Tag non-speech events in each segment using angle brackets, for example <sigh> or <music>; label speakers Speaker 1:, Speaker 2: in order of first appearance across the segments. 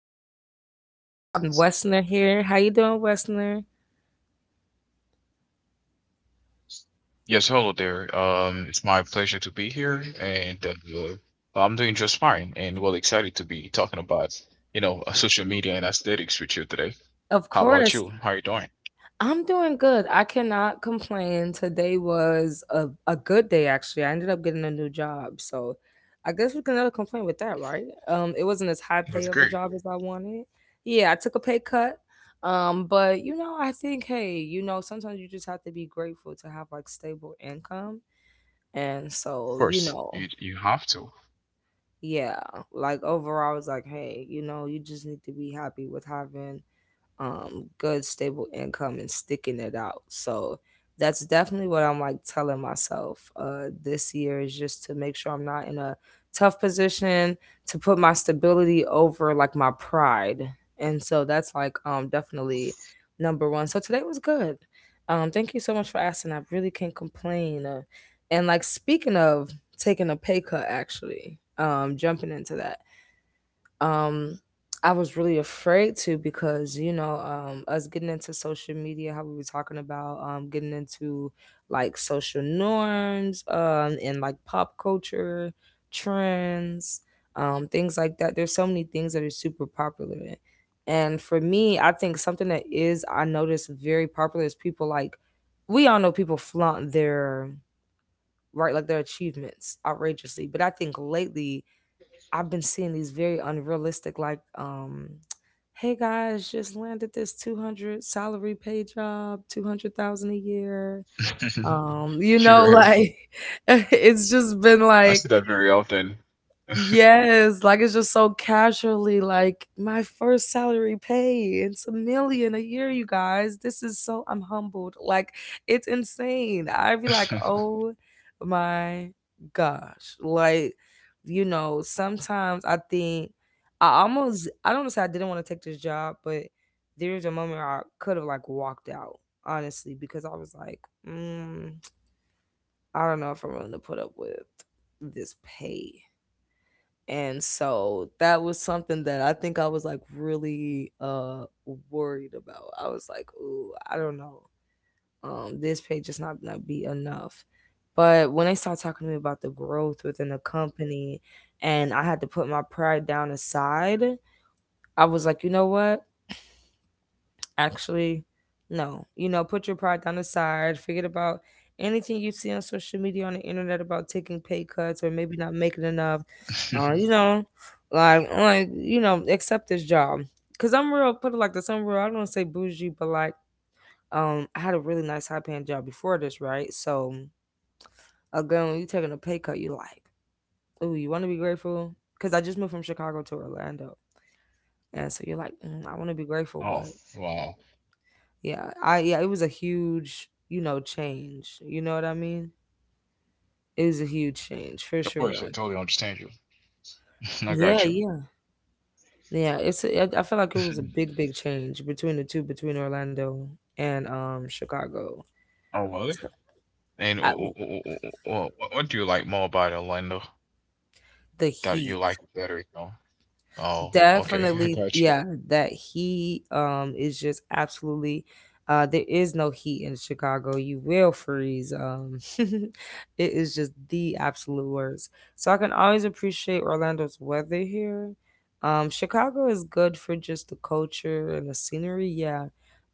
Speaker 1: you guys. Today we have Wessner here. How you doing, Wessner?
Speaker 2: Yes, hello there. It's my pleasure to be here, and I'm doing just fine, and well excited to be talking about, social media and aesthetics with you today.
Speaker 1: Of
Speaker 2: How about
Speaker 1: course,
Speaker 2: you? How you doing?
Speaker 1: I'm doing good. I cannot complain. Today was a good day, actually. I ended up getting a new job, so I guess we can never complain with that, right? It wasn't as high pay of a
Speaker 2: That's
Speaker 1: job
Speaker 2: great.
Speaker 1: as I wanted. Yeah, I took a pay cut. But you know, I think, hey, you know, sometimes you just have to be grateful to have like stable income. And so,
Speaker 2: Of
Speaker 1: you
Speaker 2: course,
Speaker 1: know,
Speaker 2: you have to.
Speaker 1: yeah, like overall, I was like, hey, you know, you just need to be happy with having good stable income and sticking it out. So that's definitely what I'm like telling myself this year, is just to make sure I'm not in a tough position, to put my stability over like my pride. And so that's like definitely number one. So today was good. Thank you so much for asking. I really can't complain. And like speaking of taking a pay cut, actually, jumping into that, um I was really afraid to, because you know us getting into social media, how we were talking about getting into like social norms and like pop culture trends, things like that, there's so many things that are super popular. And for me, I think something that is, I notice very popular, is people like, we all know people flaunt their, right, like their achievements outrageously. But I think lately I've been seeing these very unrealistic, like, hey guys, just landed this 200 salary pay job, 200,000 a year. You
Speaker 2: <laughs>
Speaker 1: know,
Speaker 2: You're right.
Speaker 1: like, <laughs> it's just been like,
Speaker 2: I see that very often.
Speaker 1: yes, like it's just so casually like my first salary pay. It's a million a year, you guys. This is so I'm humbled. Like it's insane. I'd be like,
Speaker 2: <laughs>
Speaker 1: "Oh my gosh." Like you know, sometimes I think I don't wanna say I didn't want to take this job, but there was a moment where I could have like walked out, honestly, because I was like, mm, I don't know if I'm willing to put up with this pay. And so that was something that I think I was like really worried about. I was like, ooh, I don't know. This page is not gonna be enough. But when they start talking to me about the growth within the company, and I had to put my pride down aside, I was like, you know what? Actually, no, you know, put your pride down the side, forget about anything you see on social media on the internet about taking pay cuts or maybe not making enough, you know, like you know, accept this job. Because I'm real, put it like this, I'm real, I don't wanna say bougie, but like, I had a really nice high paying job before this, right? So again, when you taking a pay cut, you like, oh, you want to be grateful, because I just moved from Chicago to Orlando. And so you're like, I want to be grateful, but
Speaker 2: Oh, wow.
Speaker 1: yeah, I yeah it was a huge, you know, change, you know what I mean? It was a huge change for
Speaker 2: Of course,
Speaker 1: sure.
Speaker 2: I totally understand you. <laughs> I
Speaker 1: Yeah,
Speaker 2: got you.
Speaker 1: yeah, yeah, it's a- I feel like it was a big
Speaker 2: <laughs>
Speaker 1: change between the two, between Orlando and Chicago.
Speaker 2: Oh, well.
Speaker 1: So
Speaker 2: And
Speaker 1: I,
Speaker 2: what do you like more about Orlando?
Speaker 1: the
Speaker 2: That you
Speaker 1: heat.
Speaker 2: like it better, you know? Oh, okay, <laughs> I
Speaker 1: Definitely,
Speaker 2: got you.
Speaker 1: yeah, that heat is just absolutely, there is no heat in Chicago, you will freeze. <laughs> It is just the absolute worst. So I can always appreciate Orlando's weather here. Chicago is good for just the culture and the scenery, yeah,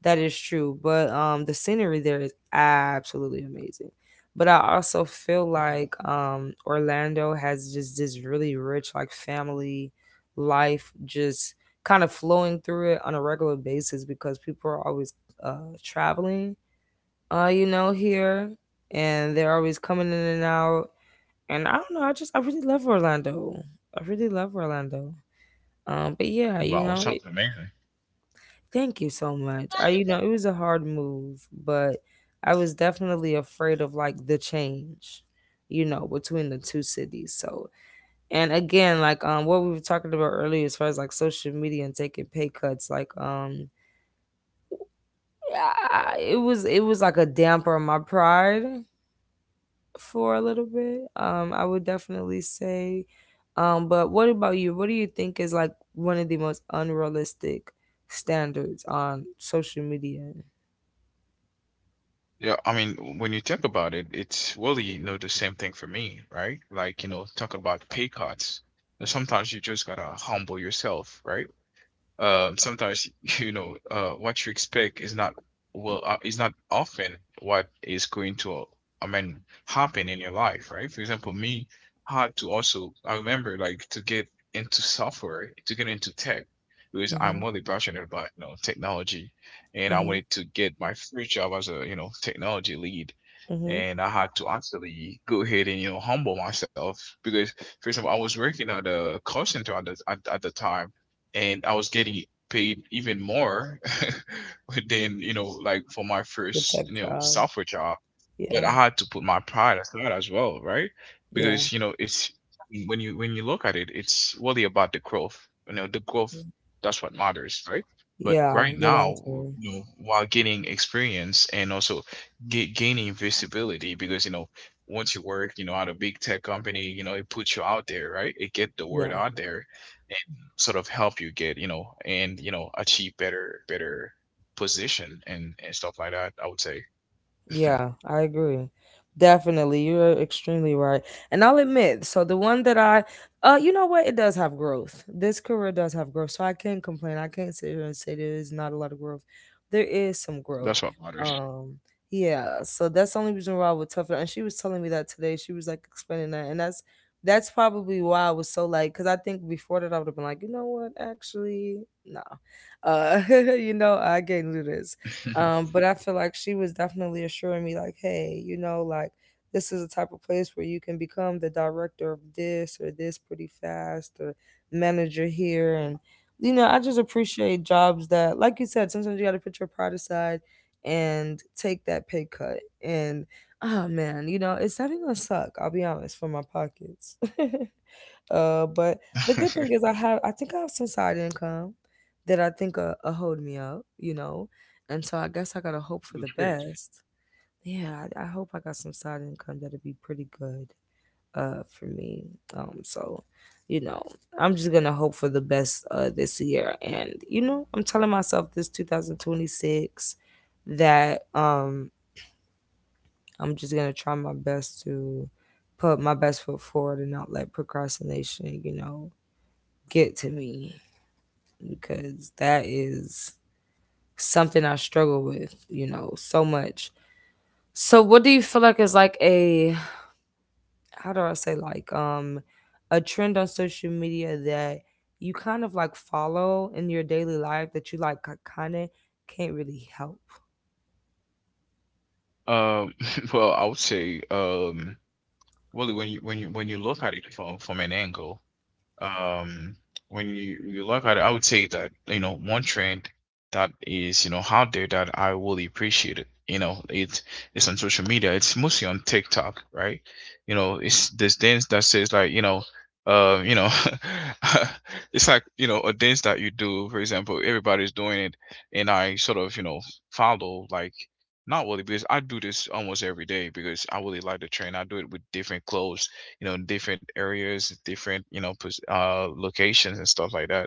Speaker 1: that is true. But the scenery there is absolutely amazing. But I also feel like Orlando has just this really rich like family life, just kind of flowing through it on a regular basis, because people are always uh, traveling, you know, here, and they're always coming in and out. And I don't know, I just, I really love Orlando. I really love Orlando. But yeah, you
Speaker 2: Wow,
Speaker 1: know, it,
Speaker 2: sounds amazing.
Speaker 1: thank you so much. I, you know, it was a hard move, but I was definitely afraid of like the change, you know, between the two cities. So and again, like what we were talking about earlier as far as like social media and taking pay cuts, like I, it was like a damper on my pride for a little bit. I would definitely say, but what about you? What do you think is like one of the most unrealistic standards on social media?
Speaker 2: Yeah, I mean, when you think about it, it's really, you know, the same thing for me, right? Like, you know, talk about pay cuts. Sometimes you just gotta humble yourself, right? Sometimes <laughs> you know what you expect is not well is not often what is going to I mean happen in your life, right? For example, me had to also I remember like to get into software to get into tech because I'm
Speaker 1: Mhm.
Speaker 2: really passionate about you know technology, and I
Speaker 1: Mhm.
Speaker 2: wanted to get my first job as a you know technology lead,
Speaker 1: Mhm.
Speaker 2: and I had to actually go ahead and you know humble myself because for example I was working at a call center at the time, and I was getting paid even more <laughs> than you know like for my
Speaker 1: The
Speaker 2: first
Speaker 1: tech
Speaker 2: you know
Speaker 1: crowd.
Speaker 2: software job. But
Speaker 1: Yeah.
Speaker 2: I had to put my pride aside as well, right?
Speaker 1: Yeah.
Speaker 2: Because you know, it's when you look at it, it's really about the growth. You know, the growth, that's what matters, right? But
Speaker 1: Yeah,
Speaker 2: right
Speaker 1: the long
Speaker 2: now,
Speaker 1: term.
Speaker 2: you know, while gaining experience and also ga gaining visibility, because you know, once you work, you know, at a big tech company, you know, it puts you out there, right? It get the word
Speaker 1: Yeah.
Speaker 2: out there, sort of help you get you know and you know achieve better position and stuff like that, I would say. <laughs>
Speaker 1: Yeah, I agree. Definitely, you're extremely right. And I'll admit, so the one that I, you know what, it does have growth. This career does have growth, so I can't complain. I can't sit here and say there is not a lot of growth. There is some growth.
Speaker 2: That's what matters.
Speaker 1: Um, yeah. So that's the only reason why I would tough it out. And she was telling me that today. She was like explaining that, and that's probably why I was so like, because I think before that I would have been like, you know what, actually, no, <laughs> you know, I can't do this.
Speaker 2: <laughs>
Speaker 1: But I feel like she was definitely assuring me, like, hey, you know, like this is the type of place where you can become the director of this or this pretty fast, or manager here. And, you know, I just appreciate jobs that, like you said, sometimes you got to put your pride aside and take that pay cut. And, oh man, you know, it's definitely gonna suck, I'll be honest, for my pockets. <laughs> But
Speaker 2: That's
Speaker 1: the good thing is I think I have some side income that I think hold me up, you know. And so I guess I gotta hope for the
Speaker 2: great.
Speaker 1: best. Yeah, I hope I got some side income that'll be pretty good for me. So you know, I'm just gonna hope for the best this year. And you know, I'm telling myself this 2026 that I'm just gonna try my best to put my best foot forward and not let procrastination, you know, get to me, because that is something I struggle with, you know, so much. So what do you feel like is like a, how do I say, like, a trend on social media that you kind of like follow in your daily life that you like kind of can't really help?
Speaker 2: um <laughs> well, I would say, Willie, when you look at it from an angle. Um, when you look at it, I would say that, you know, one trend that is, you know, out there that I really appreciate it. You know, it's on social media. It's mostly on TikTok, right? You know, it's this dance that says like, uh, you know, <laughs> it's like, you know, a dance that you do, for example, everybody's doing it, and I sort of, you know, follow like not really because I do this almost every day because I really like the trend. I do it with different clothes, you know, different areas, different you know locations, and stuff like that.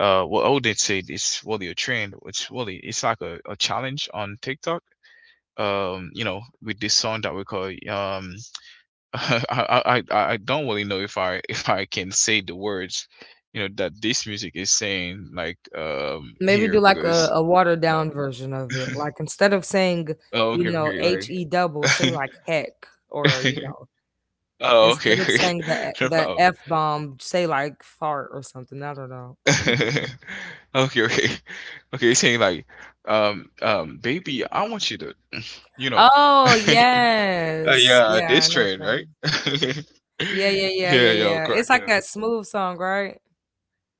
Speaker 2: What I would say is really a trend, it's really, it's like a challenge on TikTok, you know, with this song that we call <laughs> I don't really know if I <laughs> if I can say the words, you know, that this music is saying like
Speaker 1: Maybe do
Speaker 2: here
Speaker 1: like a,
Speaker 2: because
Speaker 1: a watered
Speaker 2: you know.
Speaker 1: down version of it.
Speaker 2: <laughs>
Speaker 1: Like instead of saying,
Speaker 2: Oh,
Speaker 1: you
Speaker 2: okay,
Speaker 1: know,
Speaker 2: okay. Like
Speaker 1: H E double, say like heck, or you
Speaker 2: <laughs>
Speaker 1: know.
Speaker 2: oh, okay,
Speaker 1: Instead
Speaker 2: <laughs>
Speaker 1: of
Speaker 2: okay.
Speaker 1: saying the e
Speaker 2: No
Speaker 1: the
Speaker 2: problem.
Speaker 1: F bomb, say, like, fart or something, I don't know.
Speaker 2: <laughs> Okay, okay, okay. He's saying like, baby, I want you to, you know, <laughs>
Speaker 1: Oh,
Speaker 2: uh,
Speaker 1: yes.
Speaker 2: yeah, this
Speaker 1: Yeah, I know
Speaker 2: train,
Speaker 1: what.
Speaker 2: right? <laughs>
Speaker 1: Yeah, yeah, yeah,
Speaker 2: Yeah,
Speaker 1: yeah, yeah. It's
Speaker 2: yeah,
Speaker 1: like that Smooth song, right?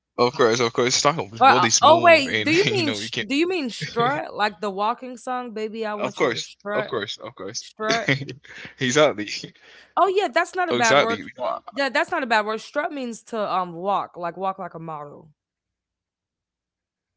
Speaker 2: of course, of course. Stockholm is
Speaker 1: Or,
Speaker 2: really
Speaker 1: oh,
Speaker 2: smooth,
Speaker 1: wait,
Speaker 2: and
Speaker 1: do
Speaker 2: <laughs>
Speaker 1: you
Speaker 2: you
Speaker 1: mean
Speaker 2: know, you can, <laughs>
Speaker 1: strut? Like the walking song, "Baby, I
Speaker 2: of
Speaker 1: Want You to
Speaker 2: course, of
Speaker 1: Strut"?
Speaker 2: course, of course.
Speaker 1: Strut?
Speaker 2: <laughs> Exactly,
Speaker 1: Oh, yeah, that's not
Speaker 2: <laughs>
Speaker 1: a bad
Speaker 2: exactly.
Speaker 1: word.
Speaker 2: You know,
Speaker 1: Yeah, that's not a bad word. Strut means to, walk like a model.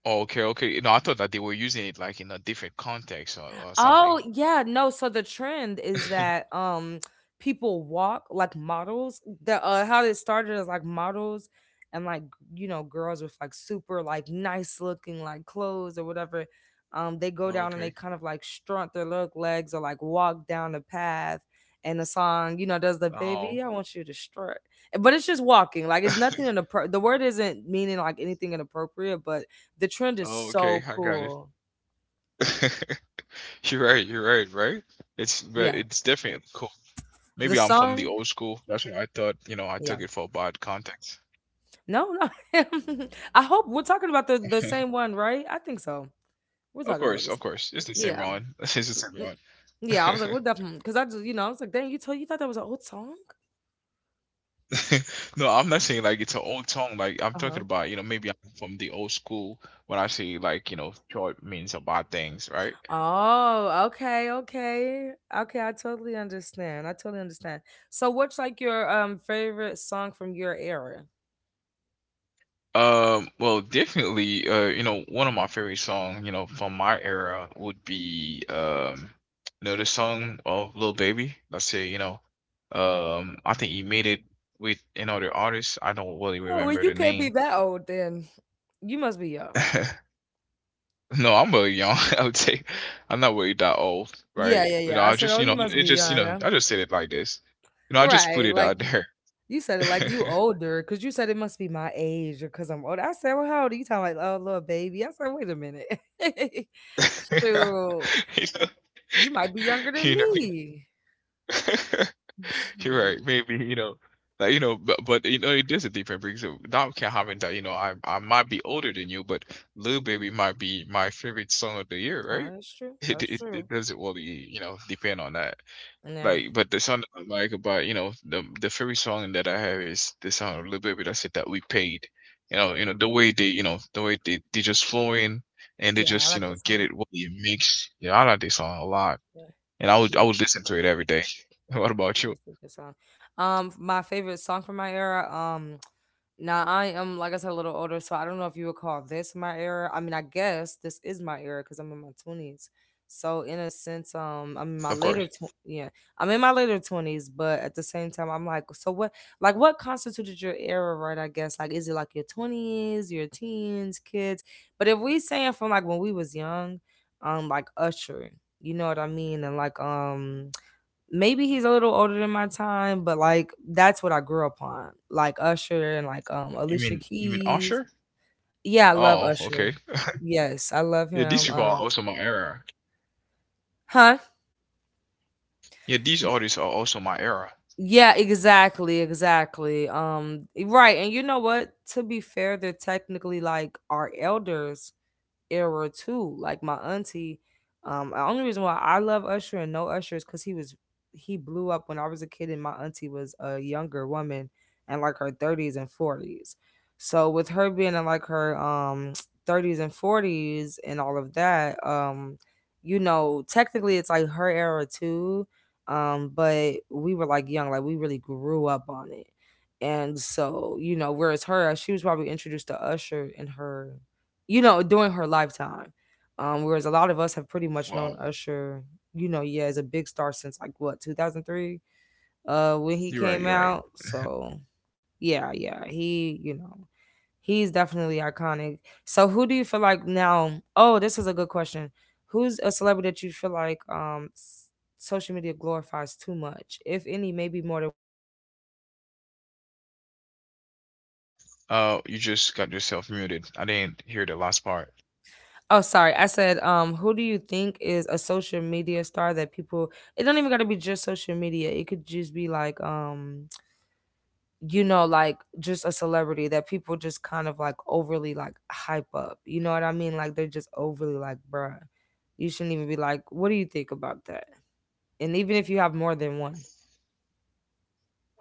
Speaker 2: okay, okay. No, I thought that they were using it like in a different context or something.
Speaker 1: Oh, yeah, no, so the trend is that,
Speaker 2: <laughs>
Speaker 1: people walk like models. The how it started is like models and like, you know, girls with like super like nice looking like clothes or whatever. They go down and they
Speaker 2: Okay.
Speaker 1: kind of like strut their little legs or like walk down the path. And the song, you know, does the
Speaker 2: Oh.
Speaker 1: baby, I want you to strut. But it's just walking. Like it's nothing in
Speaker 2: <laughs>
Speaker 1: the word isn't meaning like anything inappropriate, but the trend is
Speaker 2: Oh, okay.
Speaker 1: so
Speaker 2: I got it.
Speaker 1: cool.
Speaker 2: <laughs> You're right, right? It's but
Speaker 1: Yeah.
Speaker 2: it's different. Cool.
Speaker 1: The
Speaker 2: Maybe I'm from the
Speaker 1: song,
Speaker 2: old school. That's what I thought. You know, I took
Speaker 1: yeah.
Speaker 2: it for bad context.
Speaker 1: No, no. <laughs> I hope we're talking about the
Speaker 2: <laughs>
Speaker 1: same one, right? I think so. We're
Speaker 2: Of
Speaker 1: talking about
Speaker 2: course,
Speaker 1: the
Speaker 2: of
Speaker 1: same.
Speaker 2: course. It's the same
Speaker 1: Yeah,
Speaker 2: run. <laughs> It's the same
Speaker 1: mm,
Speaker 2: run.
Speaker 1: yeah. I was like, what, definitely, because I just, you know, I was like, dang, you told you thought that was an old song.
Speaker 2: <laughs> No, I'm not saying like it's an old song. Like I'm
Speaker 1: Uh
Speaker 2: talking
Speaker 1: huh.
Speaker 2: about, you know, maybe I'm from the old school when I say like, you know, short means about things, right?
Speaker 1: Oh, okay, okay, okay. I totally understand. I totally understand. So, what's like your favorite song from your era?
Speaker 2: Well, definitely, you know, one of my favorite song, you know, from my era would be, you know, the song of Lil Baby. Let's say, you know, I think he made it with another artist. I don't really
Speaker 1: Oh, well,
Speaker 2: remember
Speaker 1: you
Speaker 2: the
Speaker 1: can't be
Speaker 2: name.
Speaker 1: that old then. You must be young.
Speaker 2: <laughs> No, I'm really young. <laughs> I would say I'm not really that old,
Speaker 1: Yeah,
Speaker 2: right?
Speaker 1: yeah,
Speaker 2: You know,
Speaker 1: yeah. I
Speaker 2: I
Speaker 1: said,
Speaker 2: just,
Speaker 1: oh,
Speaker 2: you
Speaker 1: you
Speaker 2: know,
Speaker 1: must
Speaker 2: it
Speaker 1: be
Speaker 2: just, you
Speaker 1: young,
Speaker 2: know,
Speaker 1: huh?
Speaker 2: I just said it like this. You know, I just put
Speaker 1: Right.
Speaker 2: it
Speaker 1: Like,
Speaker 2: out there.
Speaker 1: you said it
Speaker 2: <laughs>
Speaker 1: like you older, cause you said it must be my age or cause I'm older. I said, well, how old are you? Talking like, oh, little baby. I said, wait a minute, <laughs> shoot,
Speaker 2: You know,
Speaker 1: you
Speaker 2: <laughs>
Speaker 1: might be younger than
Speaker 2: you know.
Speaker 1: me.
Speaker 2: <laughs> You're
Speaker 1: Shoot.
Speaker 2: right. Maybe, you know, like, you know, but you know, it is a different because now can happen that, you know, I might be older than you, but Lil Baby might be my favorite song of the year,
Speaker 1: Ah,
Speaker 2: right?
Speaker 1: that's true.
Speaker 2: <laughs> It
Speaker 1: That's
Speaker 2: it, it
Speaker 1: true.
Speaker 2: doesn't really, you know, depend on that.
Speaker 1: Nah,
Speaker 2: Like, but the song that I like about, you know, the favorite song that I have is the song of Lil Baby that said that we paid. You know, the way they, you know, the way they just flow in, and they
Speaker 1: yeah, I
Speaker 2: just, you
Speaker 1: like
Speaker 2: know,
Speaker 1: this
Speaker 2: get
Speaker 1: song.
Speaker 2: it what it makes. Yeah, I like this song a lot, and I would I
Speaker 1: Yeah.
Speaker 2: would listen to it every day. <laughs> What
Speaker 1: Yeah,
Speaker 2: about you?
Speaker 1: that's a good song. My favorite song from my era. Now I am, like I said, a little older, so I don't know if you would call this my era. I mean, I guess this is my era because I'm in my twenties. So in a sense, I'm in my
Speaker 2: Of
Speaker 1: later,
Speaker 2: course.
Speaker 1: yeah, I'm in my later twenties, but at the same time, I'm like, so what? Like, what constituted your era, right? I guess, like, is it like your twenties, your teens, kids? But if we saying from like when we was young, like Usher, you know what I mean, and like, maybe he's a little older than my time, but like that's what I grew up on, like Usher and like
Speaker 2: You
Speaker 1: Alicia
Speaker 2: mean
Speaker 1: Keys.
Speaker 2: Usher?
Speaker 1: Yeah, I love
Speaker 2: Oh,
Speaker 1: Usher.
Speaker 2: okay.
Speaker 1: Yes, I love
Speaker 2: Yeah, these
Speaker 1: him.
Speaker 2: people are also my era.
Speaker 1: Huh?
Speaker 2: Yeah, these artists are also my era.
Speaker 1: Yeah, exactly, exactly. Right, and you know what? To be fair, they're technically like our elders, era too. Like my auntie, the only reason why I love Usher and know Usher is because he blew up when I was a kid, and my auntie was a younger woman and like her thirties and forties. So with her being in like her <tsk> thirties and forties and all of that, you know, technically it's like her era too. But we were like young, like we really grew up on it. And so, you know, whereas her, she was probably introduced to Usher in her you know, during her lifetime. Whereas a lot of us have pretty much known
Speaker 2: Wow.
Speaker 1: Usher, you know, yeah, as a big star since like what, 2003, when he
Speaker 2: You're right. You're
Speaker 1: came
Speaker 2: right.
Speaker 1: out. So, yeah, yeah, you know, he's definitely iconic. So, who do you feel like now? Oh, this is a good question. Who's a celebrity that you feel like social media glorifies too much, if any, maybe more than
Speaker 2: You just got yourself muted. I didn't hear the last part.
Speaker 1: Oh, sorry. I said, who do you think is a social media star that people? It don't even gotta be just social media. It could just be like, you know, like just a celebrity that people just kind of like overly like hype up. You know what I mean? Like they're just overly like, bruh, you shouldn't even be like, what do you think about that? And even if you have more than one,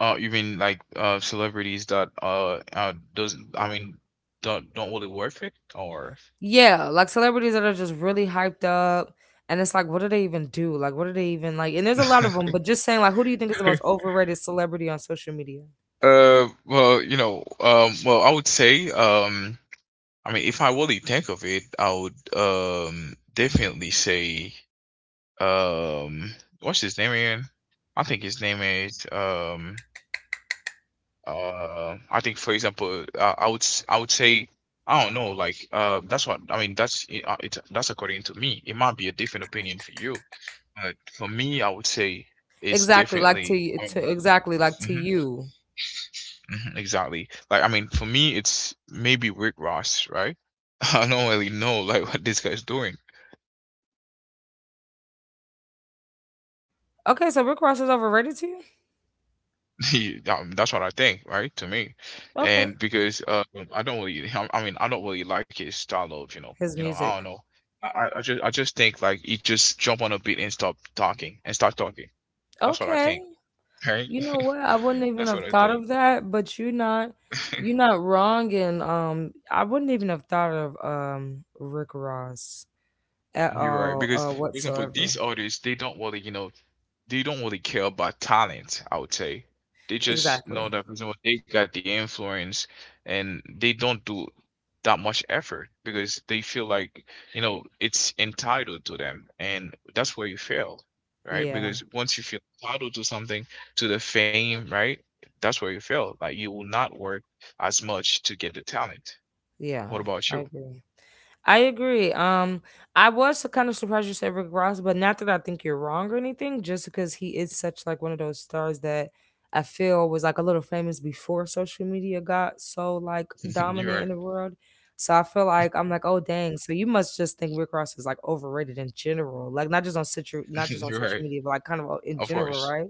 Speaker 2: You mean like celebrities that uh doesn't don't really worth it or.
Speaker 1: yeah, like celebrities that are just really hyped up. And it's like, what do they even do? Like, what do they even like? And there's a lot of them,
Speaker 2: <laughs>
Speaker 1: but just saying, like, who do you think is the most overrated celebrity on social media?
Speaker 2: Well, you know, well, I would say, I mean, if I really think of it, I would definitely say um what's his name again? I think his name is I think for example I would I would say I don't know like that's what I mean, that's according to me. It might be a different opinion for you, but for me I would say it's
Speaker 1: Exactly like to,
Speaker 2: definitely
Speaker 1: to exactly like to
Speaker 2: hmm,
Speaker 1: you.
Speaker 2: hmm, exactly like, I mean for me it's maybe Rick Ross, right? <laughs> I don't really know like what this guy's doing.
Speaker 1: Okay, so Rick Ross is overrated to you?
Speaker 2: <laughs> That's what I think, right? To me,
Speaker 1: Okay.
Speaker 2: and because I don't really, I don't really like his style of,
Speaker 1: His
Speaker 2: you know, I don't
Speaker 1: music.
Speaker 2: know. I just, I just think like he just jump on a beat and stop talking and start talking. That's what I
Speaker 1: Okay.
Speaker 2: think, right?
Speaker 1: You know what? I wouldn't
Speaker 2: <laughs>
Speaker 1: even
Speaker 2: That's what
Speaker 1: have
Speaker 2: I
Speaker 1: thought
Speaker 2: think.
Speaker 1: of that, but you're
Speaker 2: <laughs>
Speaker 1: not wrong and I wouldn't even have thought of Rick Ross at
Speaker 2: You're right
Speaker 1: all
Speaker 2: because, for example,
Speaker 1: whatsoever.
Speaker 2: these artists they don't really, you know, they don't really care about talent, I would say. They just
Speaker 1: Exactly.
Speaker 2: know that for example, they got the influence, and they don't do that much effort because they feel like, you know, it's entitled to them. And that's where you fail, right?
Speaker 1: Yeah.
Speaker 2: Because once you feel entitled to something, to the fame, right? That's where you fail. Like you will not work as much to get the talent.
Speaker 1: Yeah,
Speaker 2: What about
Speaker 1: I
Speaker 2: you?
Speaker 1: agree. I agree. I was kind of surprised you said Rick Ross, but not that I think you're wrong or anything, just because he is such like one of those stars that I feel was like a little famous before social media got so like
Speaker 2: <laughs> You're
Speaker 1: dominant in
Speaker 2: right.
Speaker 1: the world. So I feel like I'm like, oh dang. So you must just think Rick Ross is like overrated in general, like not just on situ, not just
Speaker 2: <laughs>
Speaker 1: on
Speaker 2: You're
Speaker 1: social
Speaker 2: right.
Speaker 1: media, but like kind of in
Speaker 2: Of
Speaker 1: general,
Speaker 2: course.
Speaker 1: right?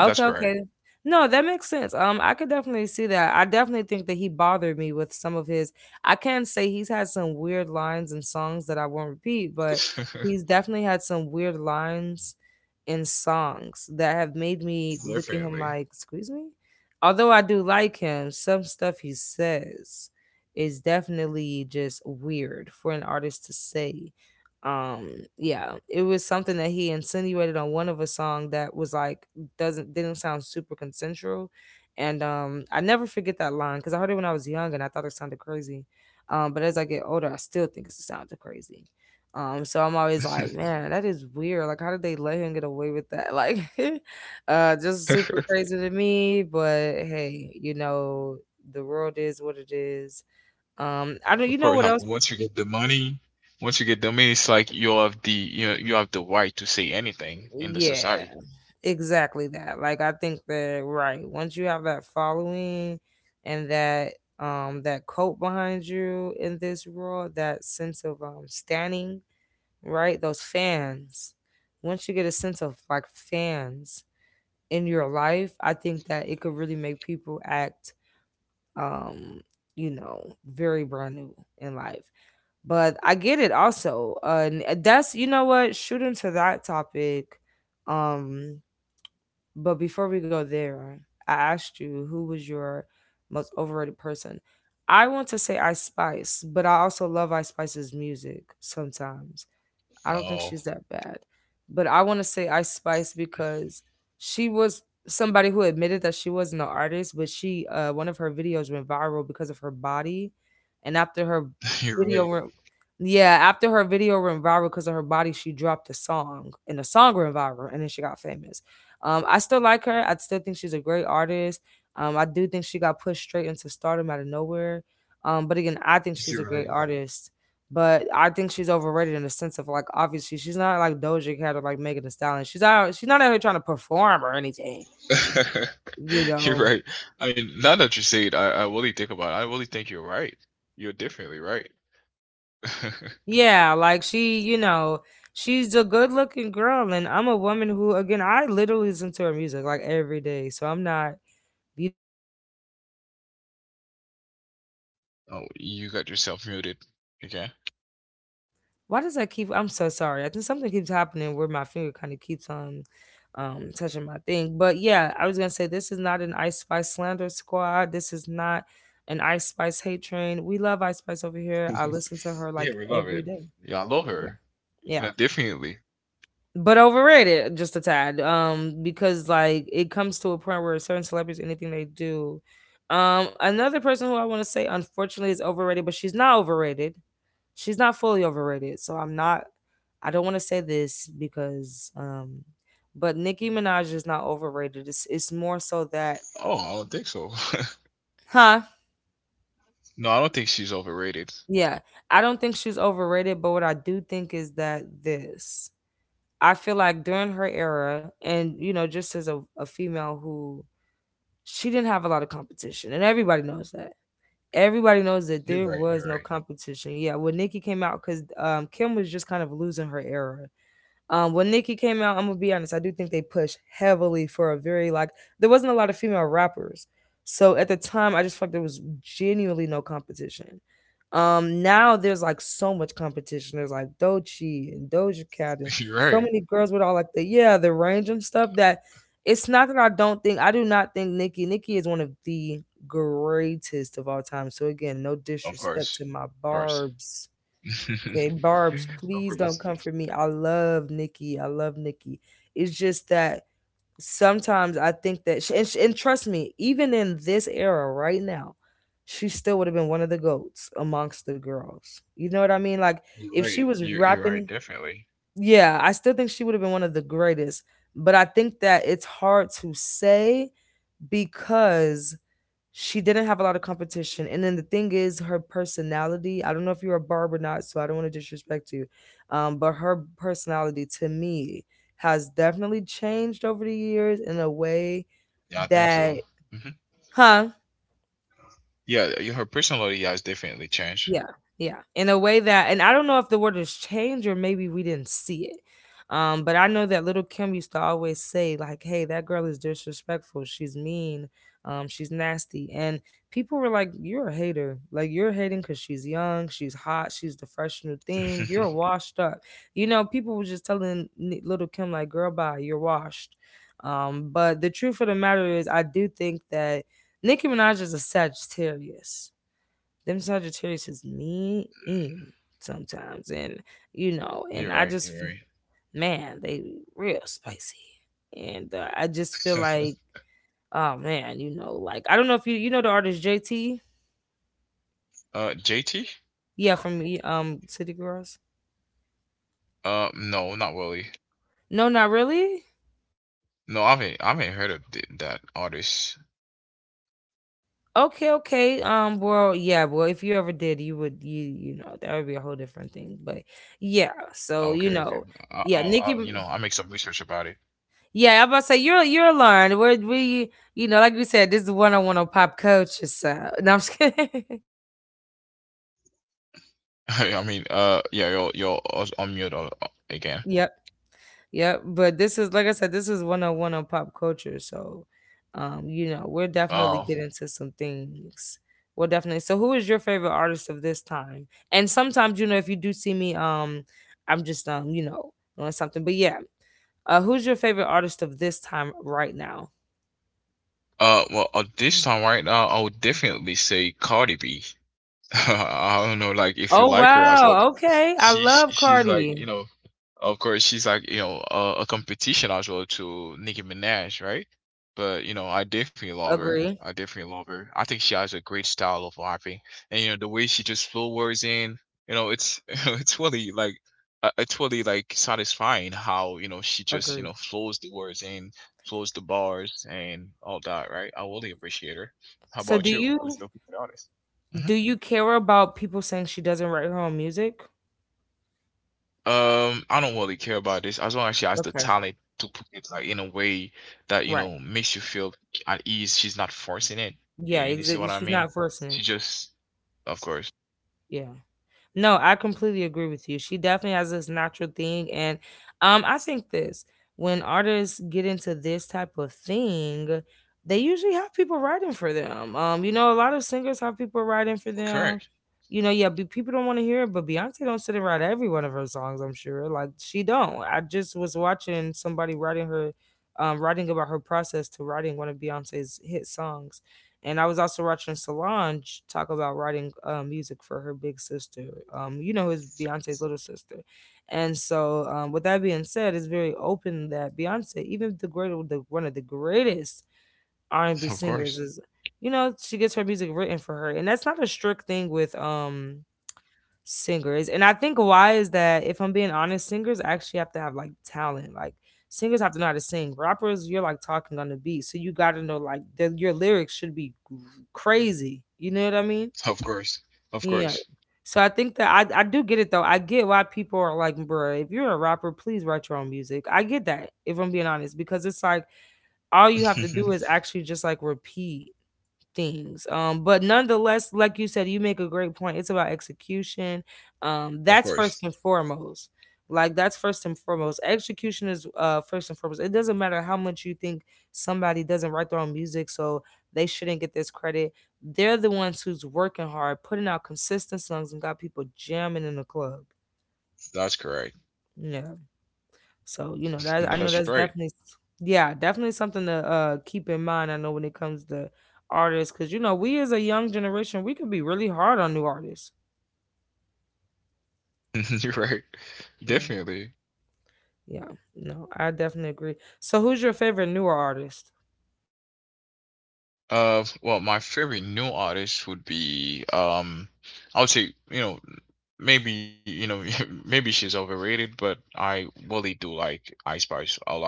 Speaker 1: Okay,
Speaker 2: That's
Speaker 1: okay.
Speaker 2: correct.
Speaker 1: No, that makes sense. I could definitely see that. I definitely think that he bothered me with some of his. I can say he's had some weird lines and songs that I won't repeat, but he's
Speaker 2: <laughs>
Speaker 1: definitely had some weird lines in songs that have made me look at him like,
Speaker 2: Definitely.
Speaker 1: "Excuse me." Although I do like him, some stuff he says is definitely just weird for an artist to say. Yeah, it was something that he insinuated on one of a song that was like doesn't didn't sound super consensual. And I never forget that line because I heard it when I was young and I thought it sounded crazy. But as I get older, I still think it sounded crazy. So I'm always like, man, that is weird. Like, how did they let him get away with that? Like, <laughs> just super
Speaker 2: <laughs>
Speaker 1: crazy to me. But hey, you know, the world is what it is. I don't.
Speaker 2: Of
Speaker 1: You know
Speaker 2: course,
Speaker 1: what else?
Speaker 2: once you get the money, once you get the money, it's like you have the you know, you have the right to say anything in the
Speaker 1: Yeah,
Speaker 2: society.
Speaker 1: exactly that. Like I think that right. Once you have that following and that that coat behind you in this world, that sense of standing, right? Those fans. Once you get a sense of like fans in your life, I think that it could really make people act um, you know, very brand new in life. But I get it also. And that's you know what, shooting to that topic. Um but before we go there, I asked you who was your most overrated person. I want to say Ice Spice, but I also love Ice Spice's music sometimes. I don't think
Speaker 2: Oh,
Speaker 1: she's that bad. But I want to say Ice Spice because she was somebody who admitted that she wasn't an artist, but she one of her videos went viral because of her body. And after her
Speaker 2: <laughs> you're
Speaker 1: video
Speaker 2: right.
Speaker 1: went yeah, after her video went viral because of her body, she dropped a song and the song went viral and then she got famous. I still like her. I still think she's a great artist. I do think she got pushed straight into stardom out of nowhere. But again, I think she's a great
Speaker 2: You're
Speaker 1: artist but I think she's overrated in the sense of like obviously she's not like Doja Cat or like Megan Thee Stallion. She's not out here trying to perform or anything,
Speaker 2: right.
Speaker 1: you
Speaker 2: <laughs> You're
Speaker 1: know.
Speaker 2: right. I mean, now that you say it, I really think about it. I really think you're right. You're definitely right. <laughs>
Speaker 1: Yeah, like she, you know, she's a good looking girl and I'm a woman who again I literally listen to her music like every day. So I'm not you
Speaker 2: Oh, you got yourself muted again.
Speaker 1: Why does that keep? I'm so sorry. I think something keeps happening where my finger kind of keeps on touching my thing. But yeah, I was gonna say this is not an Ice Spice slander squad. This is not an Ice Spice hate train. We love Ice Spice over here. I listen
Speaker 2: <laughs>
Speaker 1: to her
Speaker 2: Yeah,
Speaker 1: like
Speaker 2: we love
Speaker 1: every
Speaker 2: it.
Speaker 1: day.
Speaker 2: Yeah, I love
Speaker 1: Yeah,
Speaker 2: her. You
Speaker 1: yeah.
Speaker 2: know, definitely.
Speaker 1: But overrated just a tad. Because like it comes to a point where certain celebrities, anything they do. Another person who I want to say unfortunately is overrated, but she's not fully overrated. So I'm not. I don't want to say this because, but Nicki Minaj is not overrated. It's more so that,
Speaker 2: Oh, I don't think so.
Speaker 1: huh?
Speaker 2: <laughs> No, I don't think she's overrated.
Speaker 1: Yeah, I don't think she's overrated. But what I do think is that this. I feel like during her era, and you know, just as a female who she didn't have a lot of competition, and everybody knows that. Everybody knows that
Speaker 2: You're
Speaker 1: there
Speaker 2: right. You're
Speaker 1: was
Speaker 2: right.
Speaker 1: no competition. Yeah, when Nicki came out, because Kim was just kind of losing her era when Nicki came out, I'm gonna be honest, I do think they pushed heavily for a very like there wasn't a lot of female rappers. So at the time I just felt like there was genuinely no competition. Now there's like so much competition. There's like Dochi and Doja Cat and
Speaker 2: <laughs> You're
Speaker 1: so
Speaker 2: right.
Speaker 1: many girls with all like the yeah, the range and stuff that it's not that I don't think I do not think Nicki is one of the greatest of all time. So again, no
Speaker 2: Of
Speaker 1: disrespect
Speaker 2: course.
Speaker 1: to my
Speaker 2: Of course.
Speaker 1: barbs.
Speaker 2: <laughs>
Speaker 1: Okay, Barb's,
Speaker 2: Of
Speaker 1: please
Speaker 2: course.
Speaker 1: don't come for me. I love Nikki. I love Nikki. It's just that sometimes I think that, sh and, sh and trust me, even in this era right now, she still would have been one of the goats amongst the girls. You know what I mean? Like,
Speaker 2: You're
Speaker 1: if she
Speaker 2: right.
Speaker 1: was
Speaker 2: You're right,
Speaker 1: rapping,
Speaker 2: definitely.
Speaker 1: yeah, I still think she would have been one of the greatest. But I think that it's hard to say because she didn't have a lot of competition. And then the thing is, her personality, I don't know if you're a barb or not, so I don't want to disrespect you. But her personality to me has definitely changed over the years in a way
Speaker 2: Yeah, I think so.
Speaker 1: that,
Speaker 2: Hmm.
Speaker 1: huh?
Speaker 2: Yeah, your her personality has definitely changed.
Speaker 1: Yeah, yeah. In a way that and I don't know if the word has changed or maybe we didn't see it. But I know that little Kim used to always say, like, hey, that girl is disrespectful, she's mean, she's nasty. And people were like, you're a hater. Like you're hating because she's young, she's hot, she's the fresh new thing,
Speaker 2: <laughs>
Speaker 1: you're washed up. You know, people were just telling little Kim, like, girl, bye, you're washed. But the truth of the matter is I do think that Nicki Minaj is a Sagittarius. Them Sagittarius is mean sometimes, and
Speaker 2: You're
Speaker 1: and I
Speaker 2: right. You're
Speaker 1: just, man, they real spicy, and I just feel
Speaker 2: right.
Speaker 1: like, oh man, like I don't know if you know the artist JT,
Speaker 2: <laughs> Uh, JT?
Speaker 1: yeah, from City Girls.
Speaker 2: No, not really.
Speaker 1: No, not really.
Speaker 2: No, I haven't. I haven't heard of that artist.
Speaker 1: Okay, okay. Well, yeah, well, if you ever did, you would you know that would be a whole different thing, but yeah. So,
Speaker 2: Okay, okay.
Speaker 1: yeah,
Speaker 2: I'll,
Speaker 1: Nicki.
Speaker 2: you know, I'll make some research about it.
Speaker 1: Yeah, I'm about to say you're learned. We're like we said, this is one on one on pop culture. So <laughs> no, I'm just kidding. <laughs>
Speaker 2: <laughs> I mean, yeah, you'll unmute again.
Speaker 1: Yep, yep. But this is like I said, this is one on one on pop culture. So, we're definitely
Speaker 2: Oh.
Speaker 1: getting to some things. We Well, definitely. So, who is your favorite artist of this time? And sometimes, if you do see me, I'm just doing something. But yeah, who's your favorite artist of this time right now?
Speaker 2: Well, at this time right now, I would definitely say Cardi B. <laughs> I don't know, like if you
Speaker 1: Oh
Speaker 2: like her as well,
Speaker 1: wow,
Speaker 2: because
Speaker 1: okay. I
Speaker 2: she,
Speaker 1: love
Speaker 2: she's like
Speaker 1: Cardi.
Speaker 2: you know, of course she's like you know a competition as well to Nicki Minaj, right? But you know, I definitely love her.
Speaker 1: Agree.
Speaker 2: I definitely love her. I think she has a great style of rapping, and you know the way she just flow words in. You know, it's <laughs> it's really like satisfying how you know she just you
Speaker 1: Agree.
Speaker 2: know flows the words in, flows the bars and all that, right? I really appreciate her. How
Speaker 1: So do
Speaker 2: about you? What's your favorite artist?
Speaker 1: you care about people saying she doesn't write her own music?
Speaker 2: I don't really care about this. As long as she has the
Speaker 1: Okay,
Speaker 2: talent to put it like in a way that, you
Speaker 1: right.
Speaker 2: know, makes you feel at ease. She's not forcing it. You,
Speaker 1: Yeah,
Speaker 2: you see
Speaker 1: exactly.
Speaker 2: what I
Speaker 1: She's
Speaker 2: mean?
Speaker 1: not forcing
Speaker 2: She
Speaker 1: it.
Speaker 2: just, of course.
Speaker 1: Yeah. No, I completely agree with you. She definitely has this natural thing, and I think this when artists get into this type of thing, they usually have people writing for them. A lot of singers have people writing for them.
Speaker 2: Correct.
Speaker 1: Yeah, people don't want to hear it, but Beyonce don't sit and write every one of her songs, I'm sure. Like she don't. I just was watching somebody writing about her process to writing one of Beyonce's hit songs. And I was also watching Solange talk about writing music for her big sister. His Beyonce's little sister. And so, with that being said, it's very open that Beyonce, even the great, the one of the greatest R&B
Speaker 2: <laughs> Of
Speaker 1: singers,
Speaker 2: course.
Speaker 1: is she gets her music written for her, and that's not a strict thing with singers. And I think, why is that? If I'm being honest, singers actually have to have like talent. Like singers have to know how to sing. Rappers, you're like talking on the beat, so you got to know, like, your lyrics should be crazy. You know what I mean?
Speaker 2: Of course. Of
Speaker 1: Yeah.
Speaker 2: course.
Speaker 1: So I think that I do get it though. I get why people are like, bruh, if you're a rapper, please write your own music. I get that if I'm being honest because it's like all you have to do is
Speaker 2: <laughs>
Speaker 1: actually just like repeat things. But nonetheless, like you said, you make a great point. It's about execution.
Speaker 2: Of
Speaker 1: That's first
Speaker 2: course.
Speaker 1: and foremost. Like that's first and foremost. Execution is first and foremost. It doesn't matter how much you think somebody doesn't write their own music, so they shouldn't get this credit. They're the ones who's working hard, putting out consistent songs, and got people jamming in the club.
Speaker 2: That's correct. <laughs>
Speaker 1: Yeah.
Speaker 2: That's right.
Speaker 1: So that I know that's definitely, yeah, definitely something to keep in mind. I know when it comes to artists because we as a young generation we could be really hard on new artists.
Speaker 2: <laughs> You're right. Definitely.
Speaker 1: Yeah, yeah, no, I definitely agree. So who's your favorite newer artist?
Speaker 2: Well, my favorite new artist would be I would say you know maybe you know <laughs> maybe she's overrated, but I really do like Ice Spice a lot,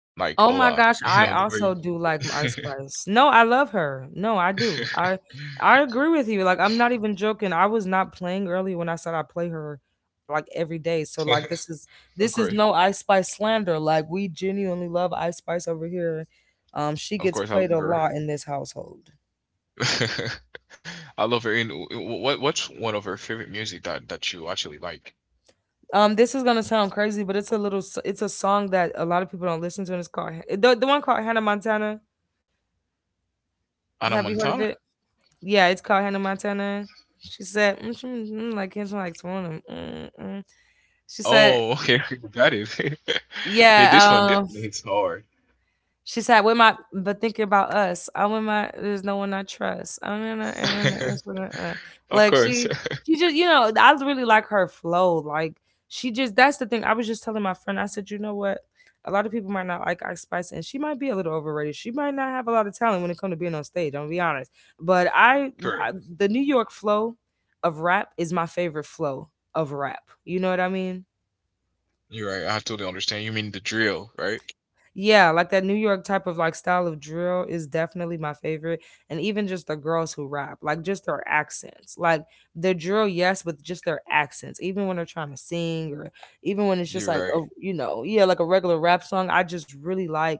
Speaker 2: like a
Speaker 1: Oh my
Speaker 2: lot.
Speaker 1: gosh,
Speaker 2: <laughs> You know
Speaker 1: I
Speaker 2: the way.
Speaker 1: also do like Ice Spice. No, I love her. No, I do. I
Speaker 2: <laughs>
Speaker 1: I agree with you. Like I'm not even joking. I was not playing early when I said I play her like every day. So like this
Speaker 2: of
Speaker 1: is
Speaker 2: course,
Speaker 1: no Ice Spice slander. Like we genuinely love Ice Spice over here. She
Speaker 2: of
Speaker 1: gets
Speaker 2: course, I
Speaker 1: played a
Speaker 2: love her.
Speaker 1: lot in this household.
Speaker 2: <laughs> I love her. And what's one of her favorite music that you actually like?
Speaker 1: This is going to sound crazy, but it's a little it's a song that a lot of people don't listen to and it's called the, one called Hannah Montana.
Speaker 2: Anna
Speaker 1: Have you heard of
Speaker 2: Montana.
Speaker 1: it? Yeah, it's called Hannah Montana. She said, mm, mm, mm, like, it's like, mm, mm. mm." She said,
Speaker 2: Oh, okay, <laughs> got it. <laughs> yeah, this
Speaker 1: yeah,
Speaker 2: one hits hard.
Speaker 1: she said, "With my, but thinking about us, I with my. There's no one I trust. I don't know, I do it's what I- uh."
Speaker 2: <laughs> of
Speaker 1: Like
Speaker 2: course.
Speaker 1: she just, I really like her flow. Like that's the thing. I was just telling my friend. I said, you know what? A lot of people might not like Ice Spice, and she might be a little overrated. She might not have a lot of talent when it comes to being on stage. I'm gonna be honest, but
Speaker 2: <laughs> correct.
Speaker 1: I, the New York flow of rap is my favorite flow of rap. You know what I mean?
Speaker 2: You're right. I totally understand. You mean the drill, right?
Speaker 1: Yeah, like that New York type of like style of drill is definitely my favorite. And even just the girls who rap, like just their accents. Like the drill, yes, but just their accents. Even when they're trying to sing or even when it's just
Speaker 2: You're
Speaker 1: like
Speaker 2: right.
Speaker 1: yeah, like a regular rap song, I just really like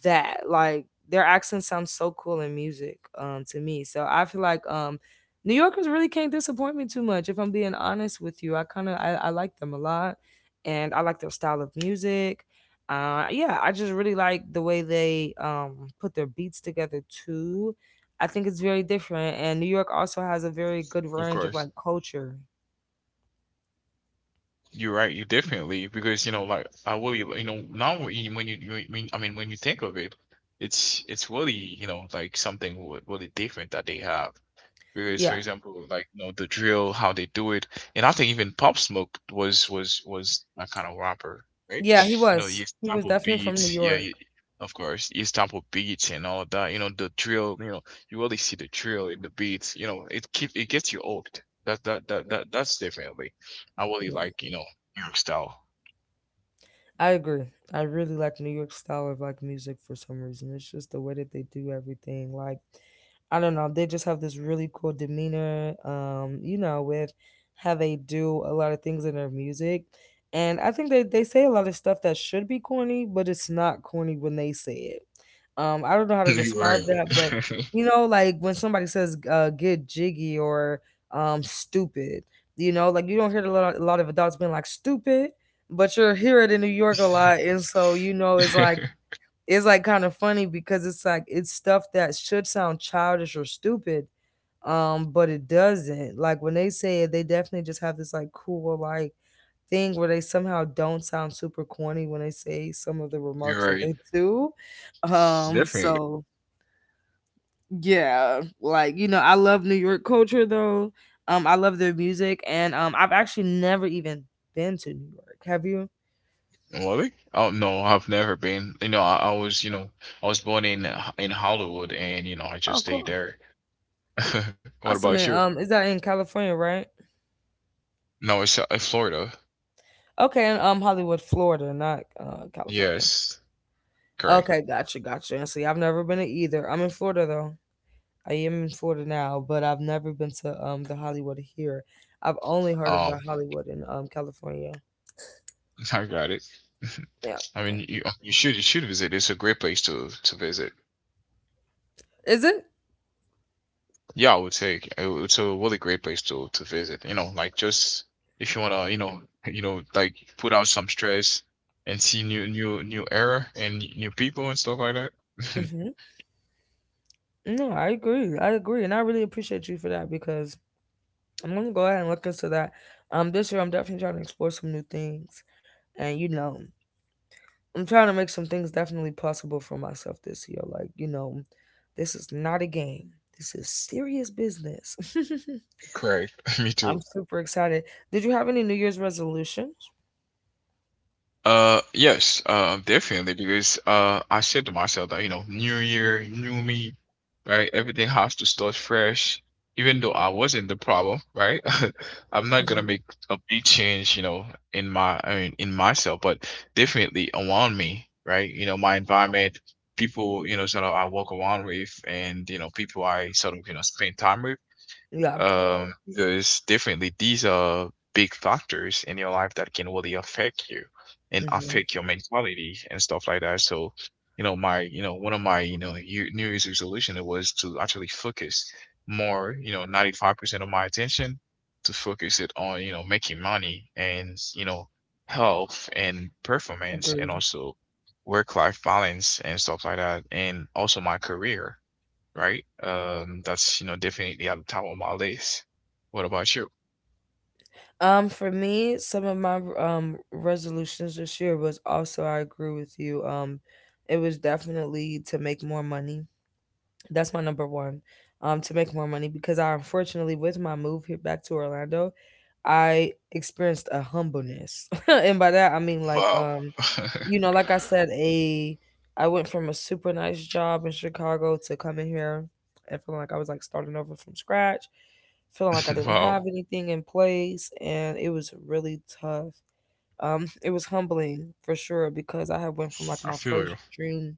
Speaker 1: that, like, their accent sounds so cool in music, to me. So I feel like New Yorkers really can't disappoint me too much if I'm being honest with you. I kind of I, I like them a lot, and I like their style of music. Yeah, I just really like the way they put their beats together too. I think it's very different, and New York also has a very good
Speaker 2: Of
Speaker 1: range of
Speaker 2: course.
Speaker 1: like culture.
Speaker 2: You're right. You definitely, because you know, like I really, you know, now when you mean, I mean, when you think of it, it's really you know like something really different that they have. Because for
Speaker 1: Yeah,
Speaker 2: example like you know the drill how they do it, and I think even Pop Smoke was that kind of rapper, right?
Speaker 1: yeah,
Speaker 2: You know he
Speaker 1: he was
Speaker 2: sample
Speaker 1: definitely from New
Speaker 2: beats, yeah,
Speaker 1: York.
Speaker 2: of course he sample beats and all that. You know the drill, you know you really see the drill in the beats, you know it keep it gets you hooked. That's definitely, I really
Speaker 1: Yeah.
Speaker 2: like you know New York style.
Speaker 1: I agree. I really like New York style of like music for some reason. It's just the way that they do everything. Like I don't know, they just have this really cool demeanor. With how they do a lot of things in their music. And I think they say a lot of stuff that should be corny, but it's not corny when they say it. I don't know how
Speaker 2: <laughs>
Speaker 1: to
Speaker 2: you're
Speaker 1: describe that, but
Speaker 2: right.
Speaker 1: like when somebody says get jiggy or stupid, you know, like you don't hear a lot of adults being like stupid, but you're here in New York a lot, and so it's like
Speaker 2: <laughs>
Speaker 1: kind of funny because it's like it's stuff that should sound childish or stupid, but it doesn't. Like when they say it, they definitely just have this like cool like thing where they somehow don't sound super corny when they say some of the
Speaker 2: you're
Speaker 1: remarks that
Speaker 2: right,
Speaker 1: they do.
Speaker 2: definitely.
Speaker 1: So yeah, like I love New York culture though. I love their music, and I've actually never even been to New York. Have you?
Speaker 2: Really? Oh no, I've never been. You know, I was, you know, I was born in in Hollywood, and you know, I just
Speaker 1: Oh,
Speaker 2: stayed
Speaker 1: cool.
Speaker 2: there. <laughs> What about
Speaker 1: Awesome.
Speaker 2: you?
Speaker 1: And, is that in California, right?
Speaker 2: No, it's in Florida.
Speaker 1: Okay, in Hollywood, Florida, not California.
Speaker 2: Yes, correct.
Speaker 1: Okay, gotcha, gotcha. And see, I've never been to either. I'm in Florida though. I am in Florida now, but I've never been to the Hollywood here. I've only heard of
Speaker 2: Oh,
Speaker 1: the Hollywood in California.
Speaker 2: <laughs> I got it. <laughs>
Speaker 1: Yeah.
Speaker 2: I
Speaker 1: Yeah.
Speaker 2: mean, you should you should visit. It's a great place to visit.
Speaker 1: Is it?
Speaker 2: Yeah, I would say it's a really great place to visit. You know, like just if you wanna, you know, <laughs> you know, like put out some stress and see new era and new people and stuff like that.
Speaker 1: Mm-hmm. No, I agree. I agree, and I really appreciate you for that because I'm gonna go ahead and look into that. This year I'm definitely trying to explore some new things, and I'm trying to make some things definitely possible for myself this year. Like this is not a game. This is serious business.
Speaker 2: <laughs> Correct. <laughs> Me
Speaker 1: <laughs>
Speaker 2: too.
Speaker 1: I'm super excited. Did you have any New Year's resolutions?
Speaker 2: Yes, definitely, because I said to myself that, you know, new year, new me, right? Everything has to start fresh, even though I wasn't the problem, right? <laughs> I'm not gonna
Speaker 1: Hmm.
Speaker 2: make a big change, you know, in my, I mean, in myself, but definitely around me, right? You know, my environment, people, you know, sort of I walk around with, and you know, people I sort of, you know, spend time with,
Speaker 1: Yeah.
Speaker 2: because definitely these are big factors in your life that can really affect you and
Speaker 1: Hmm.
Speaker 2: affect your mentality and stuff like that. So, you know, you know, one of my, you know, New Year's resolution was to actually focus more, you know, 95% of my attention to focus it on, you know, making money and, you know, health and performance and
Speaker 1: Agreed.
Speaker 2: also work-life balance and stuff like that, and also my career, right? That's you know definitely at the top of my list. What about you?
Speaker 1: For me, some of my resolutions this year was also I agree with you. It was definitely to make more money. That's my number one, to make more money because I, unfortunately, with my move here back to Orlando, I experienced a humbleness. <laughs> And by that, I mean, like,
Speaker 2: Wow,
Speaker 1: like I said, a I went from a super nice job in Chicago to coming here and feeling like I was like starting over from scratch, feeling like I
Speaker 2: <laughs>
Speaker 1: didn't
Speaker 2: wow,
Speaker 1: have anything in place, and it was really tough. It was humbling for sure because I had went from like
Speaker 2: I
Speaker 1: my
Speaker 2: feel
Speaker 1: first
Speaker 2: you.
Speaker 1: dream.